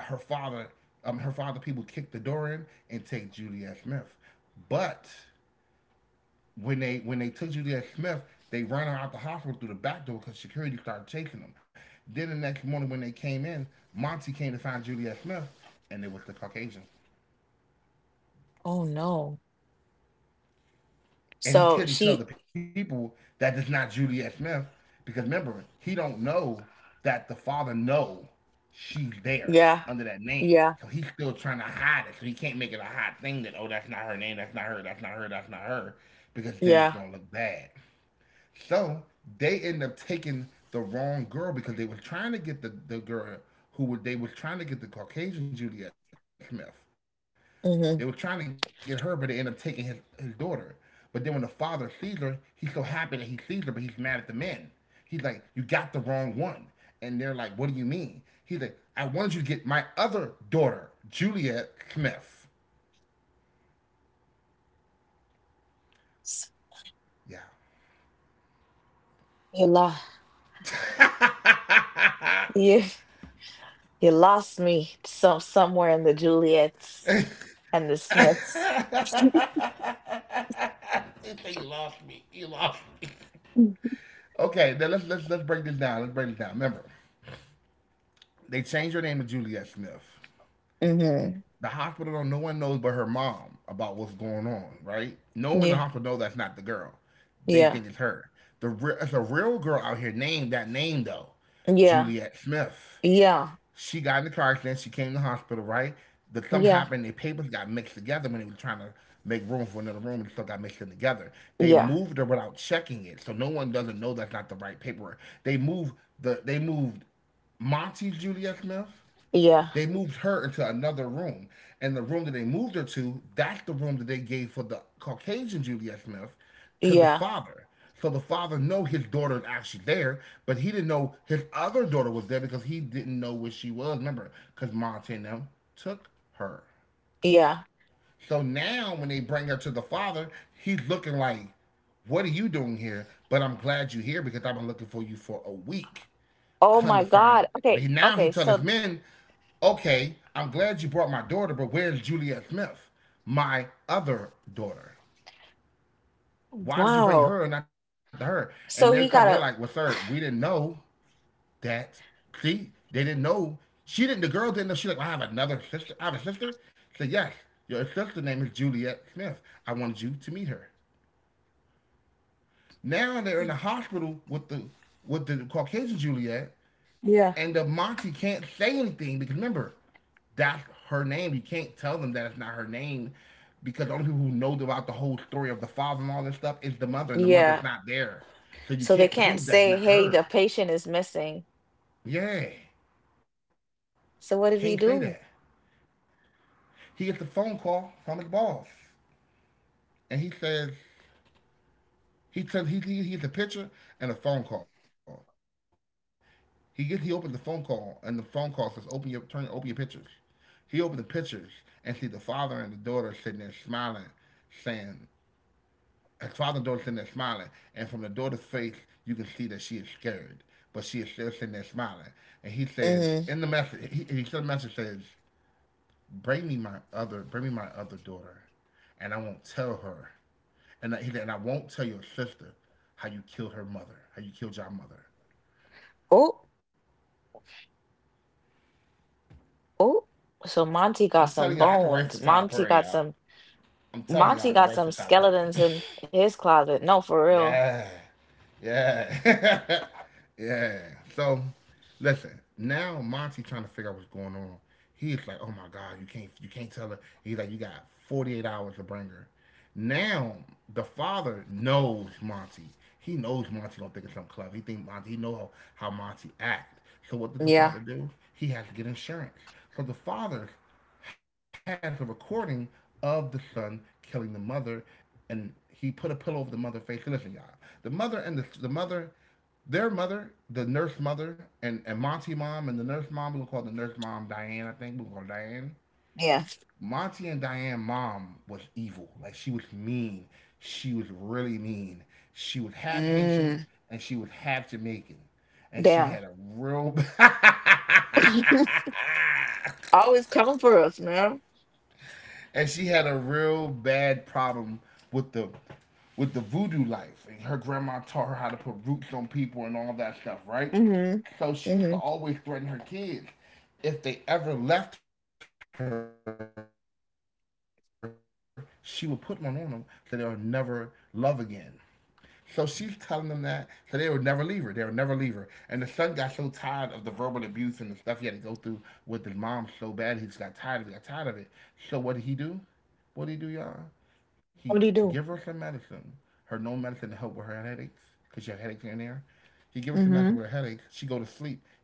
her father, her father people kick the door in and take Juliet Smith. But when they took Juliet Smith, they ran her out the hospital through the back door because security started chasing them. Then the next morning when they came in, Monty came to find Juliet Smith, and it was the Caucasian. Oh no. And he so couldn't tell she the people that it's not Juliet Smith because remember he don't know that the father know she's there Yeah, under that name, yeah, so he's still trying to hide it. So he can't make it a hot thing that oh that's not her name, that's not her, that's not her, that's not her, because then it's yeah, gonna look bad. So they end up taking the wrong girl because they were trying to get they were trying to get the Caucasian Juliet Smith. They were trying to get yeah. her, but they end up taking his daughter. But then when the father sees her, he's so happy that he sees her, but he's mad at the men. He's like, "You got the wrong one." And they're like, "What do you mean?" He's like, "I wanted you to get my other daughter, Juliet Smith." S- Yeah. You lost you you lost me somewhere in the Juliets and the Smiths. This thing, you lost me. You lost me. Okay, now let's break this down. Let's break this down. Remember, they changed her name to Juliet Smith. Hmm. The hospital, no one knows but her mom about what's going on. Right? No one in the Yeah, hospital knows that's not the girl. They yeah, think it's her. It's a real girl out here named that name though, yeah, Juliet Smith. yeah, She got in the car accident. She came to the hospital. Right? The Something yeah, happened. The papers got mixed together when they were trying to make room for another room, and stuff got mixed in together. They yeah, moved her without checking it, so no one doesn't know that's not the right paperwork. They moved They moved Monty Juliet Smith, yeah, they moved her into another room, and the room that they moved her to, that's the room that they gave for the Caucasian Juliet Smith to the yeah, father. So the father know his daughter is actually there, but he didn't know his other daughter was there because he didn't know where she was. Remember, because Monty and them took her. yeah. So now when they bring her to the father, he's looking like, "What are you doing here? But I'm glad you're here because I've been looking for you for a week." Oh Come my to find, God. Okay, but now he okay. tell his So, men, "Okay, I'm glad you brought my daughter, but where's Juliet Smith, my other daughter? Why did you bring wow. her and not to her?" And they're cutting, they're So like, he "Well, got a sir, we didn't know that." See, they didn't know, she didn't, the girl didn't know. She like, "Well, I have another sister, I have a sister." So yes, your sister's name is Juliet Smith. I wanted you to meet her. Now they're in the hospital with the Caucasian Juliet. Yeah, And the Monty can't say anything because remember, that's her name. You can't tell them that it's not her name because the only people who know about the whole story of the father and all this stuff is the mother, and the yeah. mother's not there. So you So they can't can't prove that's say, not "Hey, the her. patient is missing." Yeah, can't say So what that. did he do? He gets a phone call from his boss, and he says, he tell he, he gets a picture and a phone call. He opened the phone call and the phone call says open your pictures. He opened the pictures and see the father and the daughter sitting there smiling, saying his father and daughter sitting there smiling, and from the daughter's face you can see that she is scared, but she is still sitting there smiling. And he says in the Hmm. message he said the message says bring me my other daughter and I won't tell her, and he said, and I won't tell your sister how you killed her mother how you killed your mother. Oh, oh. So Monty got I'm telling some you I can write for bones. Tyler Monty Perry, got y'all. some. I'm telling you I Monty can got write for some Tyler Perry. skeletons <laughs> in his closet. No, for real. Yeah. Yeah. <laughs> Yeah. So listen, now Monty trying to figure out what's going on. He's like, "Oh my god, you can't tell her." He's like, "You got 48 hours to bring her." Now the father knows Monty. He knows Monty don't think it's something clever. He think Monty, he know how Monty act. So what did the Yeah, father do? He has to get insurance. So the father has a recording of the son killing the mother, and he put a pillow over the mother's face. So listen, y'all, the mother and the mother, their mother, the nurse mother, and Monty mom and the nurse mom. We're gonna call the nurse mom Diane. I think we're gonna call her Diane. yeah. Monty and Diane mom was evil. Like she was mean. She was really mean. She was half Haitian Mm, and she was half Jamaican, and she damn. had a real. <laughs> <laughs> Always coming for us, man. And she had a real bad problem with the voodoo life. And her grandma taught her how to put roots on people and all that stuff, right? Mm-hmm. So she used to Mm-hmm. always threaten her kids. If they ever left her, she would put one on them so they'll never love again. So she's telling them that, so they would never leave her. They would never leave her. And the son got so tired of the verbal abuse and the stuff he had to go through with his mom so bad, he just got tired of it, got tired of it. So what did he do? What did he do, y'all? He give her some medicine, her known What do you medicine to do? help with her headaches, because she had headaches here and there. He give her some medicine with her headaches. She go to sleep. He Mm-hmm. puts the pillow over her face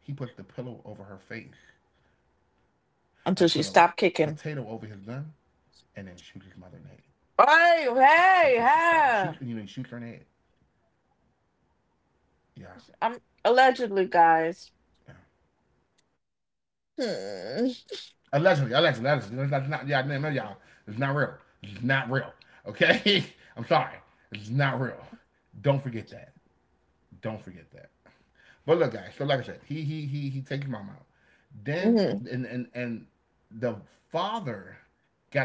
and put a potato Until over she his stopped gun kicking. and then shoot his mother in the head until Hey, she stops. Shoot, hey, you know, he shoots her in hey. the head. Yeah. I'm allegedly, guys. Allegedly, allegedly, allegedly. Hmm. It's not, yeah, I know y'all. It's not real. It's not real. Okay? <laughs> I'm sorry. It's not real. Don't forget that. Don't forget that. But look, guys, so like I said, he he takes mom out. Then and and Mm-hmm. the father got a video of it.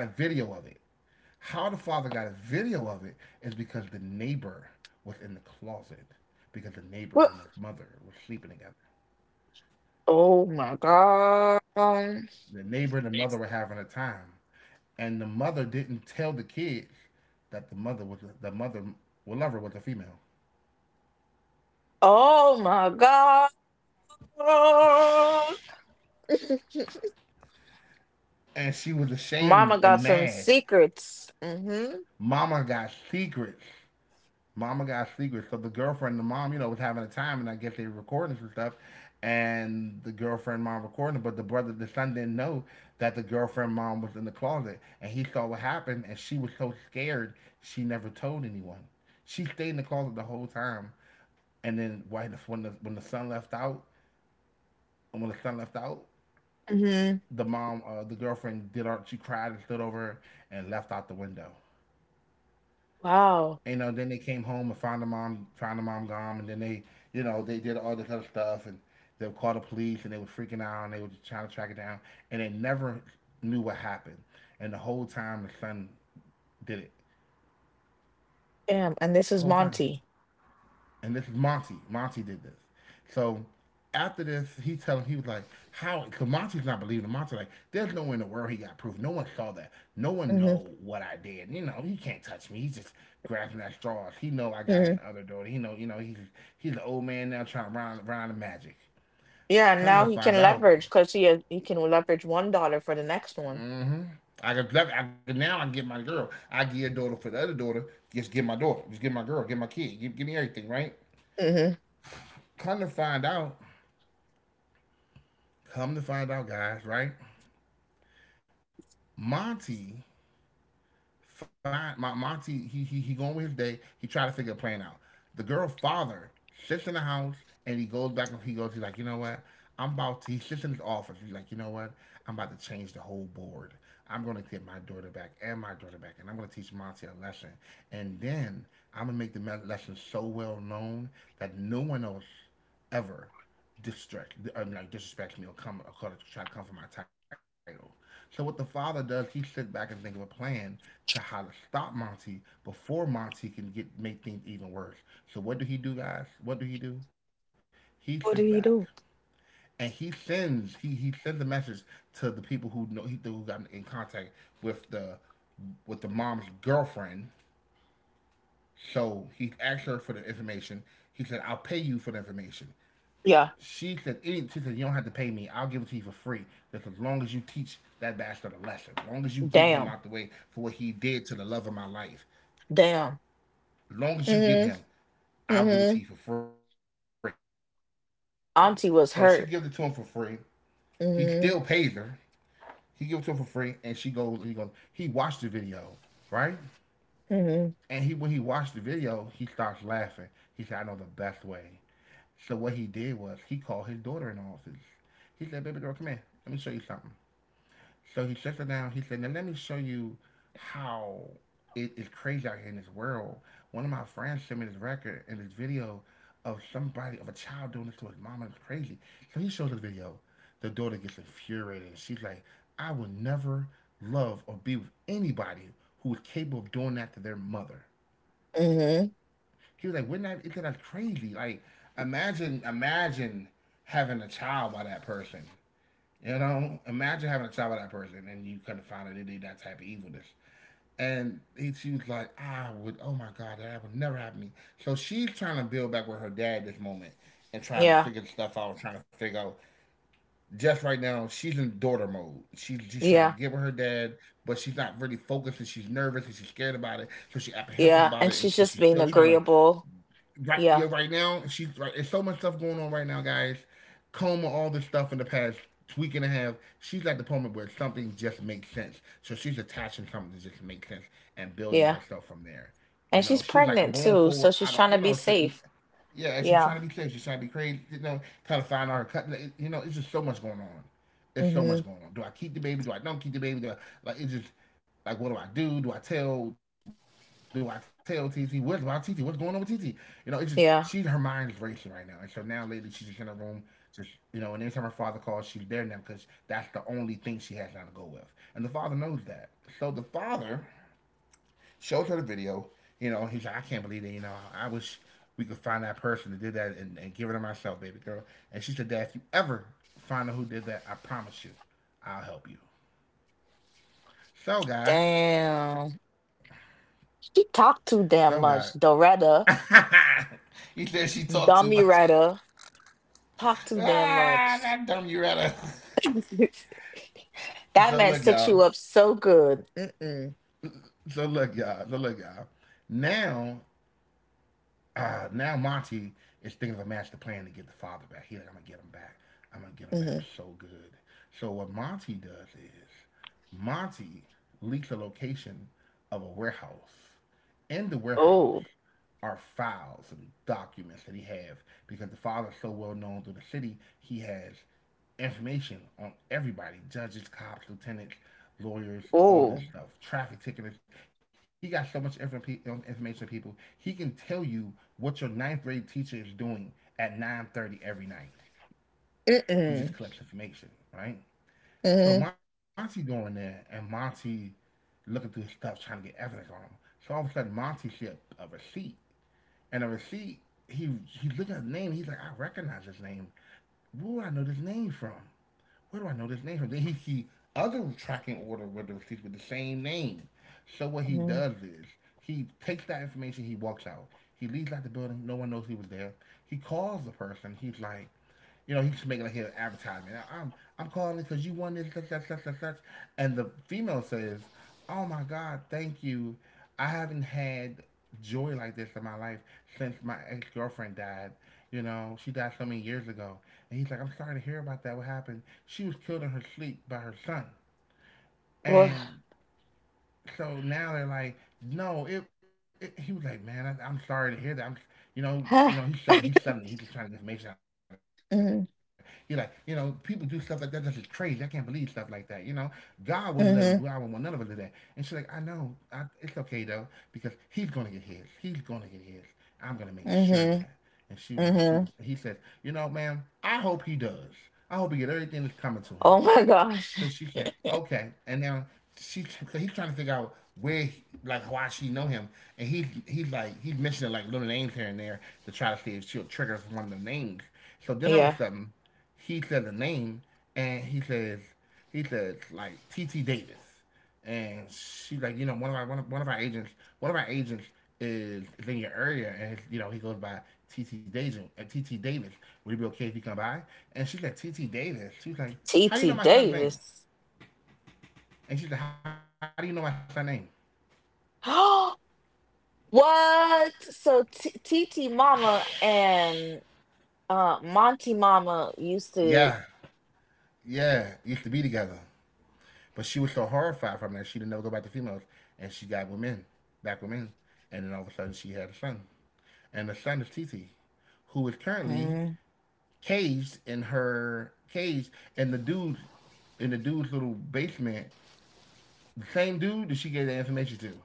How the father got a video of it is because the neighbor was in the closet because the neighbor and the What? mother were sleeping together. Oh my God. The neighbor and the mother were having a time, and the mother didn't tell the kid that the mother would love her with a female, Oh my God. and she was <laughs> ashamed Mama and got some mad. secrets. Mm-hmm. Mama got secrets. Mama got secrets. So the girlfriend, the mom, you know, was having a time, and I guess they were recording some stuff. And the girlfriend mom recording, but the brother, the son didn't know that the girlfriend mom was in the closet, and he saw what happened, and she was so scared she never told anyone. She stayed in the closet the whole time, and then when the son left out, when the son left out, the girlfriend did her. She cried and stood over her and left out the window. Wow. Then they came home and found the mom gone, and then they did all this other stuff, and they would call the police, and they were freaking out, and they were just trying to track it down, and they never knew what happened, and the whole time the son did it, Damn. And this the is whole time, Monty. and this is Monty. Monty did this. So after this, he was like, "How?" Because Monty's not believing him. Monty. Like, there's no way in the world he got proof. No one saw that. No one Hmm. know what I did. He can't touch me. He's just grasping at straws. He know I got Hmm. his other daughter. He know, he's an old man now trying to run around the magic. Yeah. Now Come he to can find out, leverage because he can leverage $1 for the next one. I could now I can get my girl. I get a daughter for the other daughter. Just get my daughter. Just get my girl. Get my kid. Give me everything, right? Hmm. Come to find out, come to find out, guys, right? Monty find my Monty he going with his day. He try to figure a plan out. The girl's father sits in the house and he goes back and he goes. He's like, you know what? I'm about to. He sits in his office. He's like, you know what? I'm about to change the whole board. I'm going to get my daughter back and my daughter back, and I'm going to teach Monty a lesson. And then I'm going to make the lesson so well known that no one else ever distract, like disrespect me or come or try to come for my title. So what the father does, he sits back and think of a plan to how to stop Monty before Monty can get make things even worse. So what do he do, guys? What do? He sits back What did he do? and he sends a message to the people who know he who got in contact with the mom's girlfriend. So he asked her for the information. He said, "I'll pay you for the information." Yeah. She said, she said, you don't have to pay me. I'll give it to you for free. Just as long as you teach that bastard a lesson. As long as you get him Damn. out the way for what he did to the love of my life. Damn. As long as you get Hmm. him, I'll give it Hmm. to you for free. So she gives it to him for free. Auntie was He still hurt. pays her. He gives it to him for Hmm. free, and she goes. He goes. He watched the video, right? And he when he watched the video, Hmm. he starts laughing. He said, "I know the best way." So what he did was he called his daughter in the office. He said, "Baby girl, come here. Let me show you something." So he shuts her down. He said, now let me show you how it is crazy out here in this world. One of my friends sent me this record and this video of a child doing this to his mama. It's crazy. So he shows the video. The daughter gets infuriated. And she's like, I would never love or be with anybody who is capable of doing that to their mother. Hmm. He was like, "Wouldn't that? Isn't that crazy? Like, imagine having a child by that person. You know, imagine having a child with that person and you couldn't find out they did that type of evilness." And she was like, I would, oh my God, that would never happen to me. So she's trying to build back with her dad this moment and trying to Yeah. figure stuff out, trying to figure out. Just right now, she's in daughter mode. She's trying to Yeah. get with her dad, but she's not really focused and she's nervous and she's scared about it. So she's apprehensive Yeah. about And it, and, she, she's but just she's being still trying to. agreeable. Right, yeah, Yeah. right now she's right, there's so much stuff going on right now, guys. Coma all this stuff in the past week and a half, she's at the moment where something just makes sense, so she's attaching something that just makes sense and building Yeah. herself from there. You And know, she's she's like, I'm pregnant going too, forward, so I she's don't, trying to you be know. So, safe. yeah, and she's Yeah. trying to be safe. She's trying to be crazy. You know, trying to find her cut. Like, it's just so much going on. There's so Hmm. much going on. Do I keep the baby? Do I don't keep the baby? Do I, like it's just like what do I do? Do I tell? Do I tell TT? What about TT? What's going on with TT? You know, it's just she her mind is racing Yeah. right now, and so now lately she's just in her room, just. And anytime her father calls, she's there now because that's the only thing she has now to go with, and the father knows that. So the father shows her the video. You know, he's like, I can't believe that. You know, I wish we could find that person that did that and give it to myself, baby girl. And she said, Dad, if you ever find out who did that, I promise you, I'll help you. So, guys, Damn. She talked too damn so, guys. much, Doretta. <laughs> he said she talked too Dummy much. writer, talk <laughs> too damn ah, much. that dumb Uretta. <laughs> <laughs> That So man look, set y'all. you up so good. Mm-mm. So look, y'all. So look, y'all. Now Monty is thinking of a master plan to get the father back. He like, I'm gonna get him back. I'm gonna get him Hmm. back so good. So what Monty does is Monty leaks a location of a warehouse. In the Oh, warehouse are files and documents that he has because the father is so well known through the city. He has information on everybody, judges, cops, lieutenants, lawyers, all oh. this stuff, traffic ticketers. He got so much information, people. He can tell you what your ninth grade teacher is doing at 9:30 every night. He just Mm-mm. collects information, right? So Mm-hmm. Monty going there and Monty looking through his stuff trying to get evidence on him. So all of a sudden Monty see a receipt. And a receipt, he he's looking at his name, he's like, I recognize this name. Where would I know this name from? Where do I know this name from? Then he see other tracking order with the receipts with the same name. So what he Hmm. does is he takes that information, he walks out. He leaves out the building, no one knows he was there. He calls the person, he's like, you know, he should make it like an advertisement. I'm calling because you won this, such, such, such, such, such. And the female says, oh my God, thank you. I haven't had joy like this in my life since my ex girlfriend died. You know, she died so many years ago. And he's like, I'm sorry to hear about that. What happened? She was killed in her sleep by her son. Well, And so now they're like, no, it he was like, man, I'm sorry to hear that. I'm, <sighs> mm-hmm. he's selling, it. He's just trying to get information out of it. He's like, you know, people do stuff like that. That's just crazy. I can't believe stuff like that. You know, God wouldn't want none of us to do that. Mm-hmm. And she's like, I know, it's okay though, because he's gonna get his. He's gonna get his. I'm gonna make sure of that. And she Mm-hmm. was, and she was, he says, Mm-hmm. Ma'am, I hope he does. I hope he get everything that's coming to him. Oh my So she said, gosh. "Okay." And now she, so he's trying to figure out where, like, why she know him, and he's like he's mentioning like little names here and there to try to see if she'll trigger one of the names. So then all of a Yeah. sudden, he says a name, and he says like TT Davis, and she like you know one of our agents is in your area, and you know he goes by TT Davis at T T Davis, would it be okay if he come by? And she said TT Davis, she's like, T how do you T know my son's name? Davis. And she said, how do you know my son's name? <gasps> What? So TT Mama and Monty Mama Yeah, used to. yeah, used to be together, but she was so horrified from that she didn't never go back to females, and she got with men, back with men, and then all of a sudden she had a son, and the son is TT, who is currently Mm. caged in her cage, and the dude in the dude's little basement, the same dude that she gave the information to.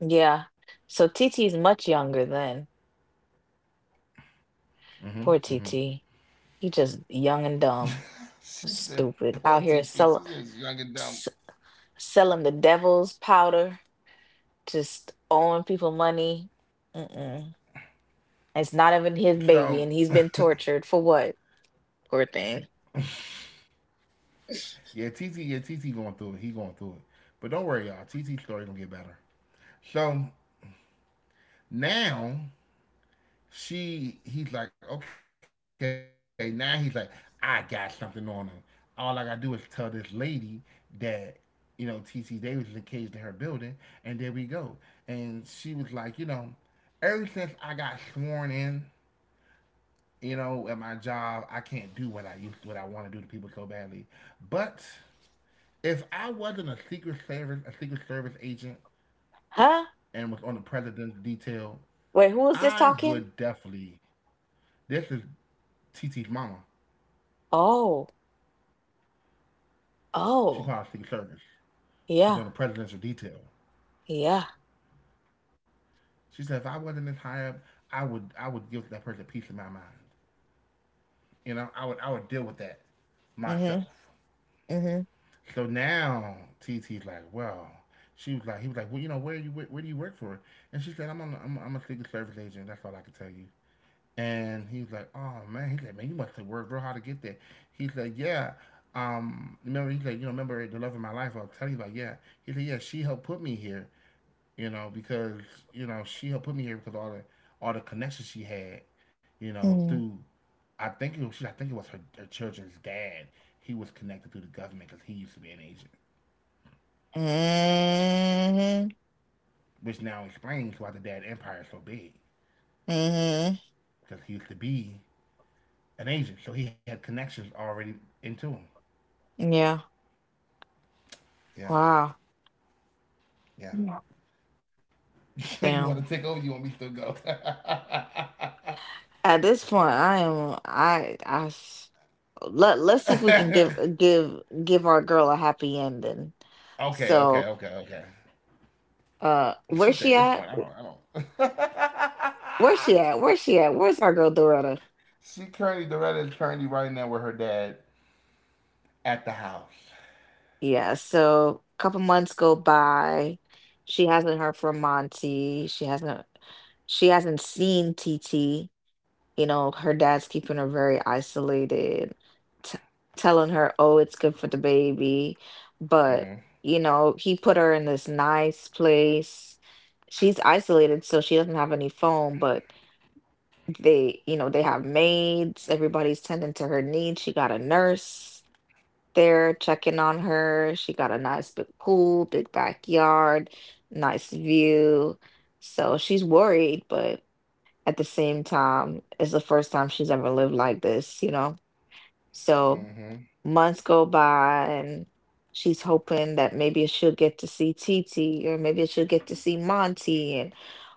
Yeah. So T T is much younger then. Poor TT. He just young and dumb. She's the Stupid. Poor Out here TT. She's just young and dumb. s selling the devil's powder, just owing people money. Mm-mm. It's not even his So baby, and he's been tortured for what? Poor thing. yeah, TT, yeah, TT going through it. He going through it. But don't worry, y'all. TT's story gonna get better. So now she he's like okay, now he's like, I got something on him. All I gotta do is tell this lady that, you know, T. T. Davis is encaged in her building, and there we go. And she was like, you know, ever since I got sworn in, you know, at my job, I can't do what I used what I want to do to people so badly. But if I wasn't a secret service agent Huh? and was on the president's detail, Wait, who was this I would talking? definitely. This is T. T.'s mama. Oh, She's oh, part of Secret Service. She's yeah, on the presidential detail. yeah. She said, if I wasn't this high up, I would give that person peace of my mind. You know, I would deal with that Mm-hmm. myself. Mm-hmm. So now T T's like, well, he was like, well, you know, where do you work for? And she said, I'm a Secret Service agent. That's all I can tell you. And he was like, oh man, he said, man, you must have worked real hard to get there. He said, yeah. Remember, he said, you know, remember the love of my life. I'll tell you about, yeah. He said, yeah, she helped put me here. you know, because you know, she helped put me here because all the connections she had, you know, Mm-hmm. through. I think it was her, her children's dad. He was connected through the government because he used to be an agent, Mm-hmm. which now explains why the dad empire is so big Mm-hmm. because he used to be an agent, so he had connections already into him. Yeah. Yeah. Wow. Yeah. Yeah. <laughs> You want to take Damn. over? You want me to still go? <laughs> At this point, I am. I. I. s- Let Let's see if we can give our girl a happy ending. Okay. Okay. So, Okay. Okay. She where's said, "At she this point, at? I don't. I don't." Where's she <laughs> at? Where's she at? Where's our girl Dorota? She currently Doretta is currently right now with her dad at the house. Yeah. So, a couple months go by. She hasn't heard from Monty. She hasn't. She hasn't seen TT. Her dad's keeping her very isolated, t telling her, "Oh, it's good for the Mm-hmm. baby." But, he put her in this nice place. She's isolated, so she doesn't have any phone, but they have maids. Everybody's tending to her needs. She got a nurse there checking on her. She got a nice big pool, big backyard, nice view. So she's worried, but at the same time, it's the first time she's ever lived like this, you know? So Mm-hmm. months go by, and she's hoping that maybe she'll get to see Titi, or maybe she'll get to see Monty, and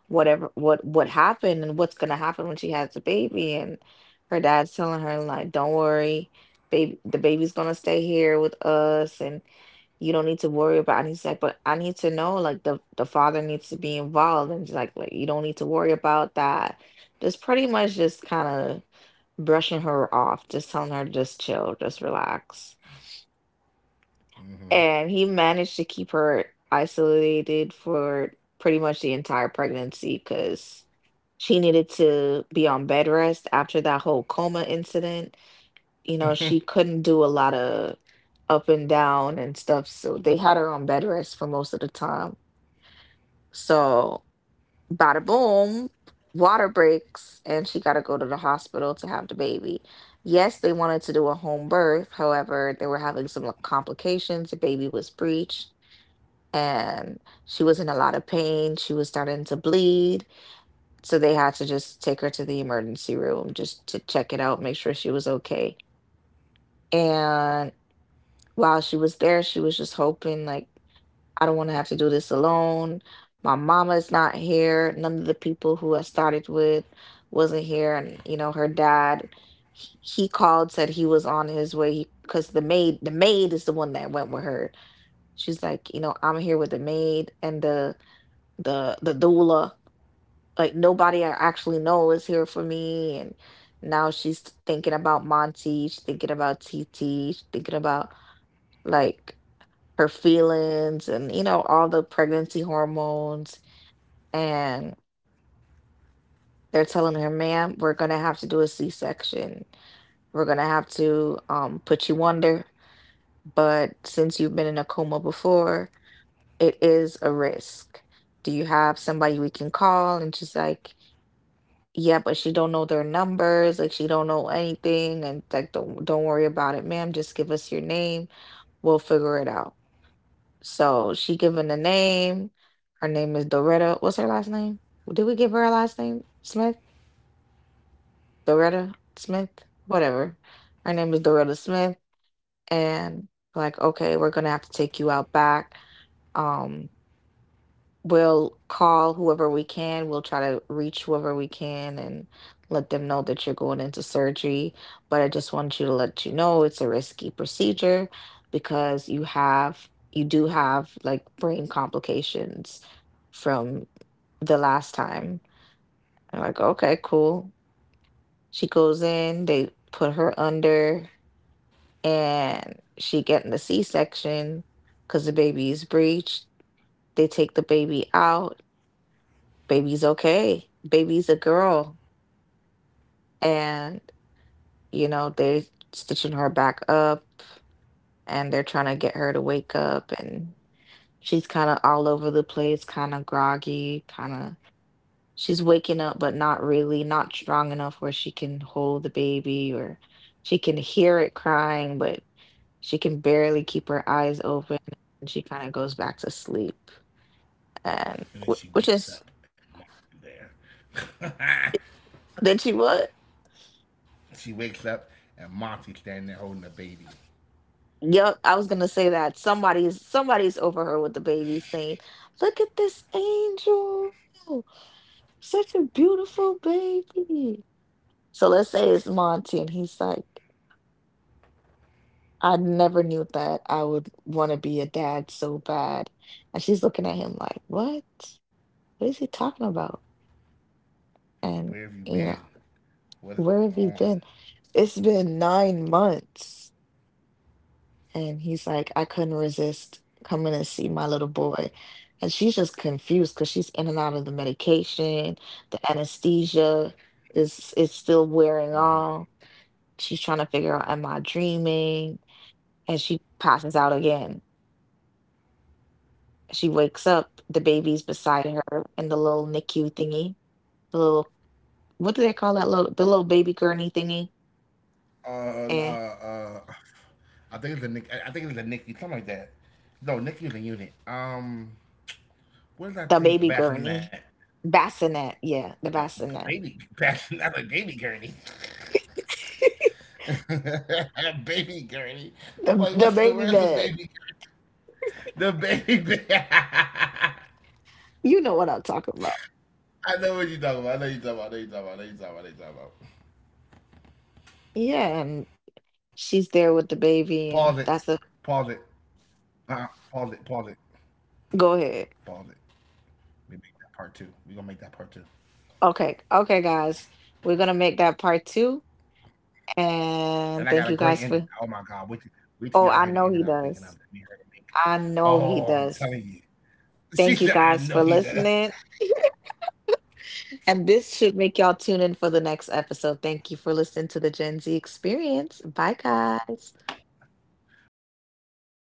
whatever what happened and what's gonna happen when she has the baby. And her dad's telling her, like, "Don't worry, baby, the baby's gonna stay here with us, and you don't need to worry about." And he's like, "But I need to know, like, the father needs to be involved." And she's like, "Well, you don't need to worry about that." Just pretty much just kind of brushing her off, just telling her to just chill, just relax. Mm-hmm. And he managed to keep her isolated for pretty much the entire pregnancy, because she needed to be on bed rest after that whole coma incident. You know, she couldn't do a lot of up and down and stuff, so they had her on bed rest for most of the time. So bada boom, water breaks, and she got to go to the hospital to have the baby. Yes, they wanted to do a home birth. However, they were having some, like, complications. The baby was breached, and she was in a lot of pain. She was starting to bleed. So they had to just take her to the emergency room just to check it out, make sure she was okay. And while she was there, she was just hoping, like, "I don't want to have to do this alone. My mama is not here. None of the people who I started with wasn't here." And, you know, her dad, he called, said he was on his way, because the maid is the one that went with her. She's like, "You know, I'm here with the maid and the the doula. Like, nobody I actually know is here for me." And now she's thinking about Monty, she's thinking about TT, she's thinking about, like, her feelings and, you know, all the pregnancy hormones. And they're telling her, "Ma'am, we're going to have to do a C-section. We're going to have to, put you under, but since you've been in a coma before, it is a risk. Do you have somebody we can call?" And she's like, "Yeah," but she don't know their numbers, like she don't know anything. And like, don't worry about it, ma'am, just give us your name, we'll figure it out. So she given the name. Her name is Doretta. What's her last name? Did we give her a last name? Smith? Doretta Smith? Whatever. Let me Her name pop is in. Doretta Smith. And like, "Okay, we're gonna have to take you out back. Um, we'll call whoever we can. We'll try to reach whoever we can and let them know that you're going into surgery. But I just want you to let you know it's a risky procedure, because you have, you do have, like, brain complications from the last time." I'm like, "Okay, cool." She goes in, they put her under, and she getting the C-section, because the baby is breached. They take the baby out, baby's okay. Baby's a girl. And, you know, they're stitching her back up, and they're trying to get her to wake up. And she's kind of all over the place, kind of groggy, kind of, she's waking up, but not really, not strong enough where she can hold the baby, or she can hear it crying, but she can barely keep her eyes open. And she kind of goes back to sleep. And And wh- then she which wakes is, up and Monty's there. then she what? <laughs> She wakes up and Monty's standing there holding a baby. Yep, I was gonna say that somebody's over her with the baby saying, "Look at this angel, such a beautiful baby." So let's say it's Monty, and he's like, "I never knew that I would want to be a dad so bad." And she's looking at him like, "What? What is he talking about?" Where And, have you you been? know, What is where have going on? you been? It's been 9 months. And he's like, "I couldn't resist coming and see my little boy." And she's just confused because she's in and out of the medication, the anesthesia is it's still wearing Mm-hmm. off. She's trying to figure out, am I dreaming? And she passes out again. She wakes up, the baby's beside her in the little NICU thingy, the little, what do they call that little, the little baby gurney thingy? Uh, uh, Eh, uh, I think it's a Nick. I think it's a Nicky, something like that. No, Nicky's a unit. What is the that thing? baby A bassinet. gurney. Bassinet, yeah, Uh, the bassinet. Baby <laughs> bassinet, not a baby gurney. <laughs> Baby gurney. I'm The like, what's the the baby where's the bed. baby? The baby. <laughs> I You know what I'm talking about. know what you're talking about. I know you're talking about. I know you're talking about. I know you're talking about. I know you're talking about. Yeah, and she's there Pause with it. the baby, and Pause it. that's a, Uh, Pause it. Pause it. go Pause ahead. it. We make that part two. We gonna make that part two. Okay, okay, guys, we're gonna make that part two, And I got and a thank you great guys ending. for. Oh my god! Wait till Oh, y'all I hear the know ending. he I'm thinking of does. that we heard it make. I know he Oh, I'm does. telling you. <laughs> She Thank you said, I guys know for he does. listening, <laughs> and this should make y'all tune in for the next episode. Thank you for listening to the Gen Z Experience. Bye, guys. Peace out, guys.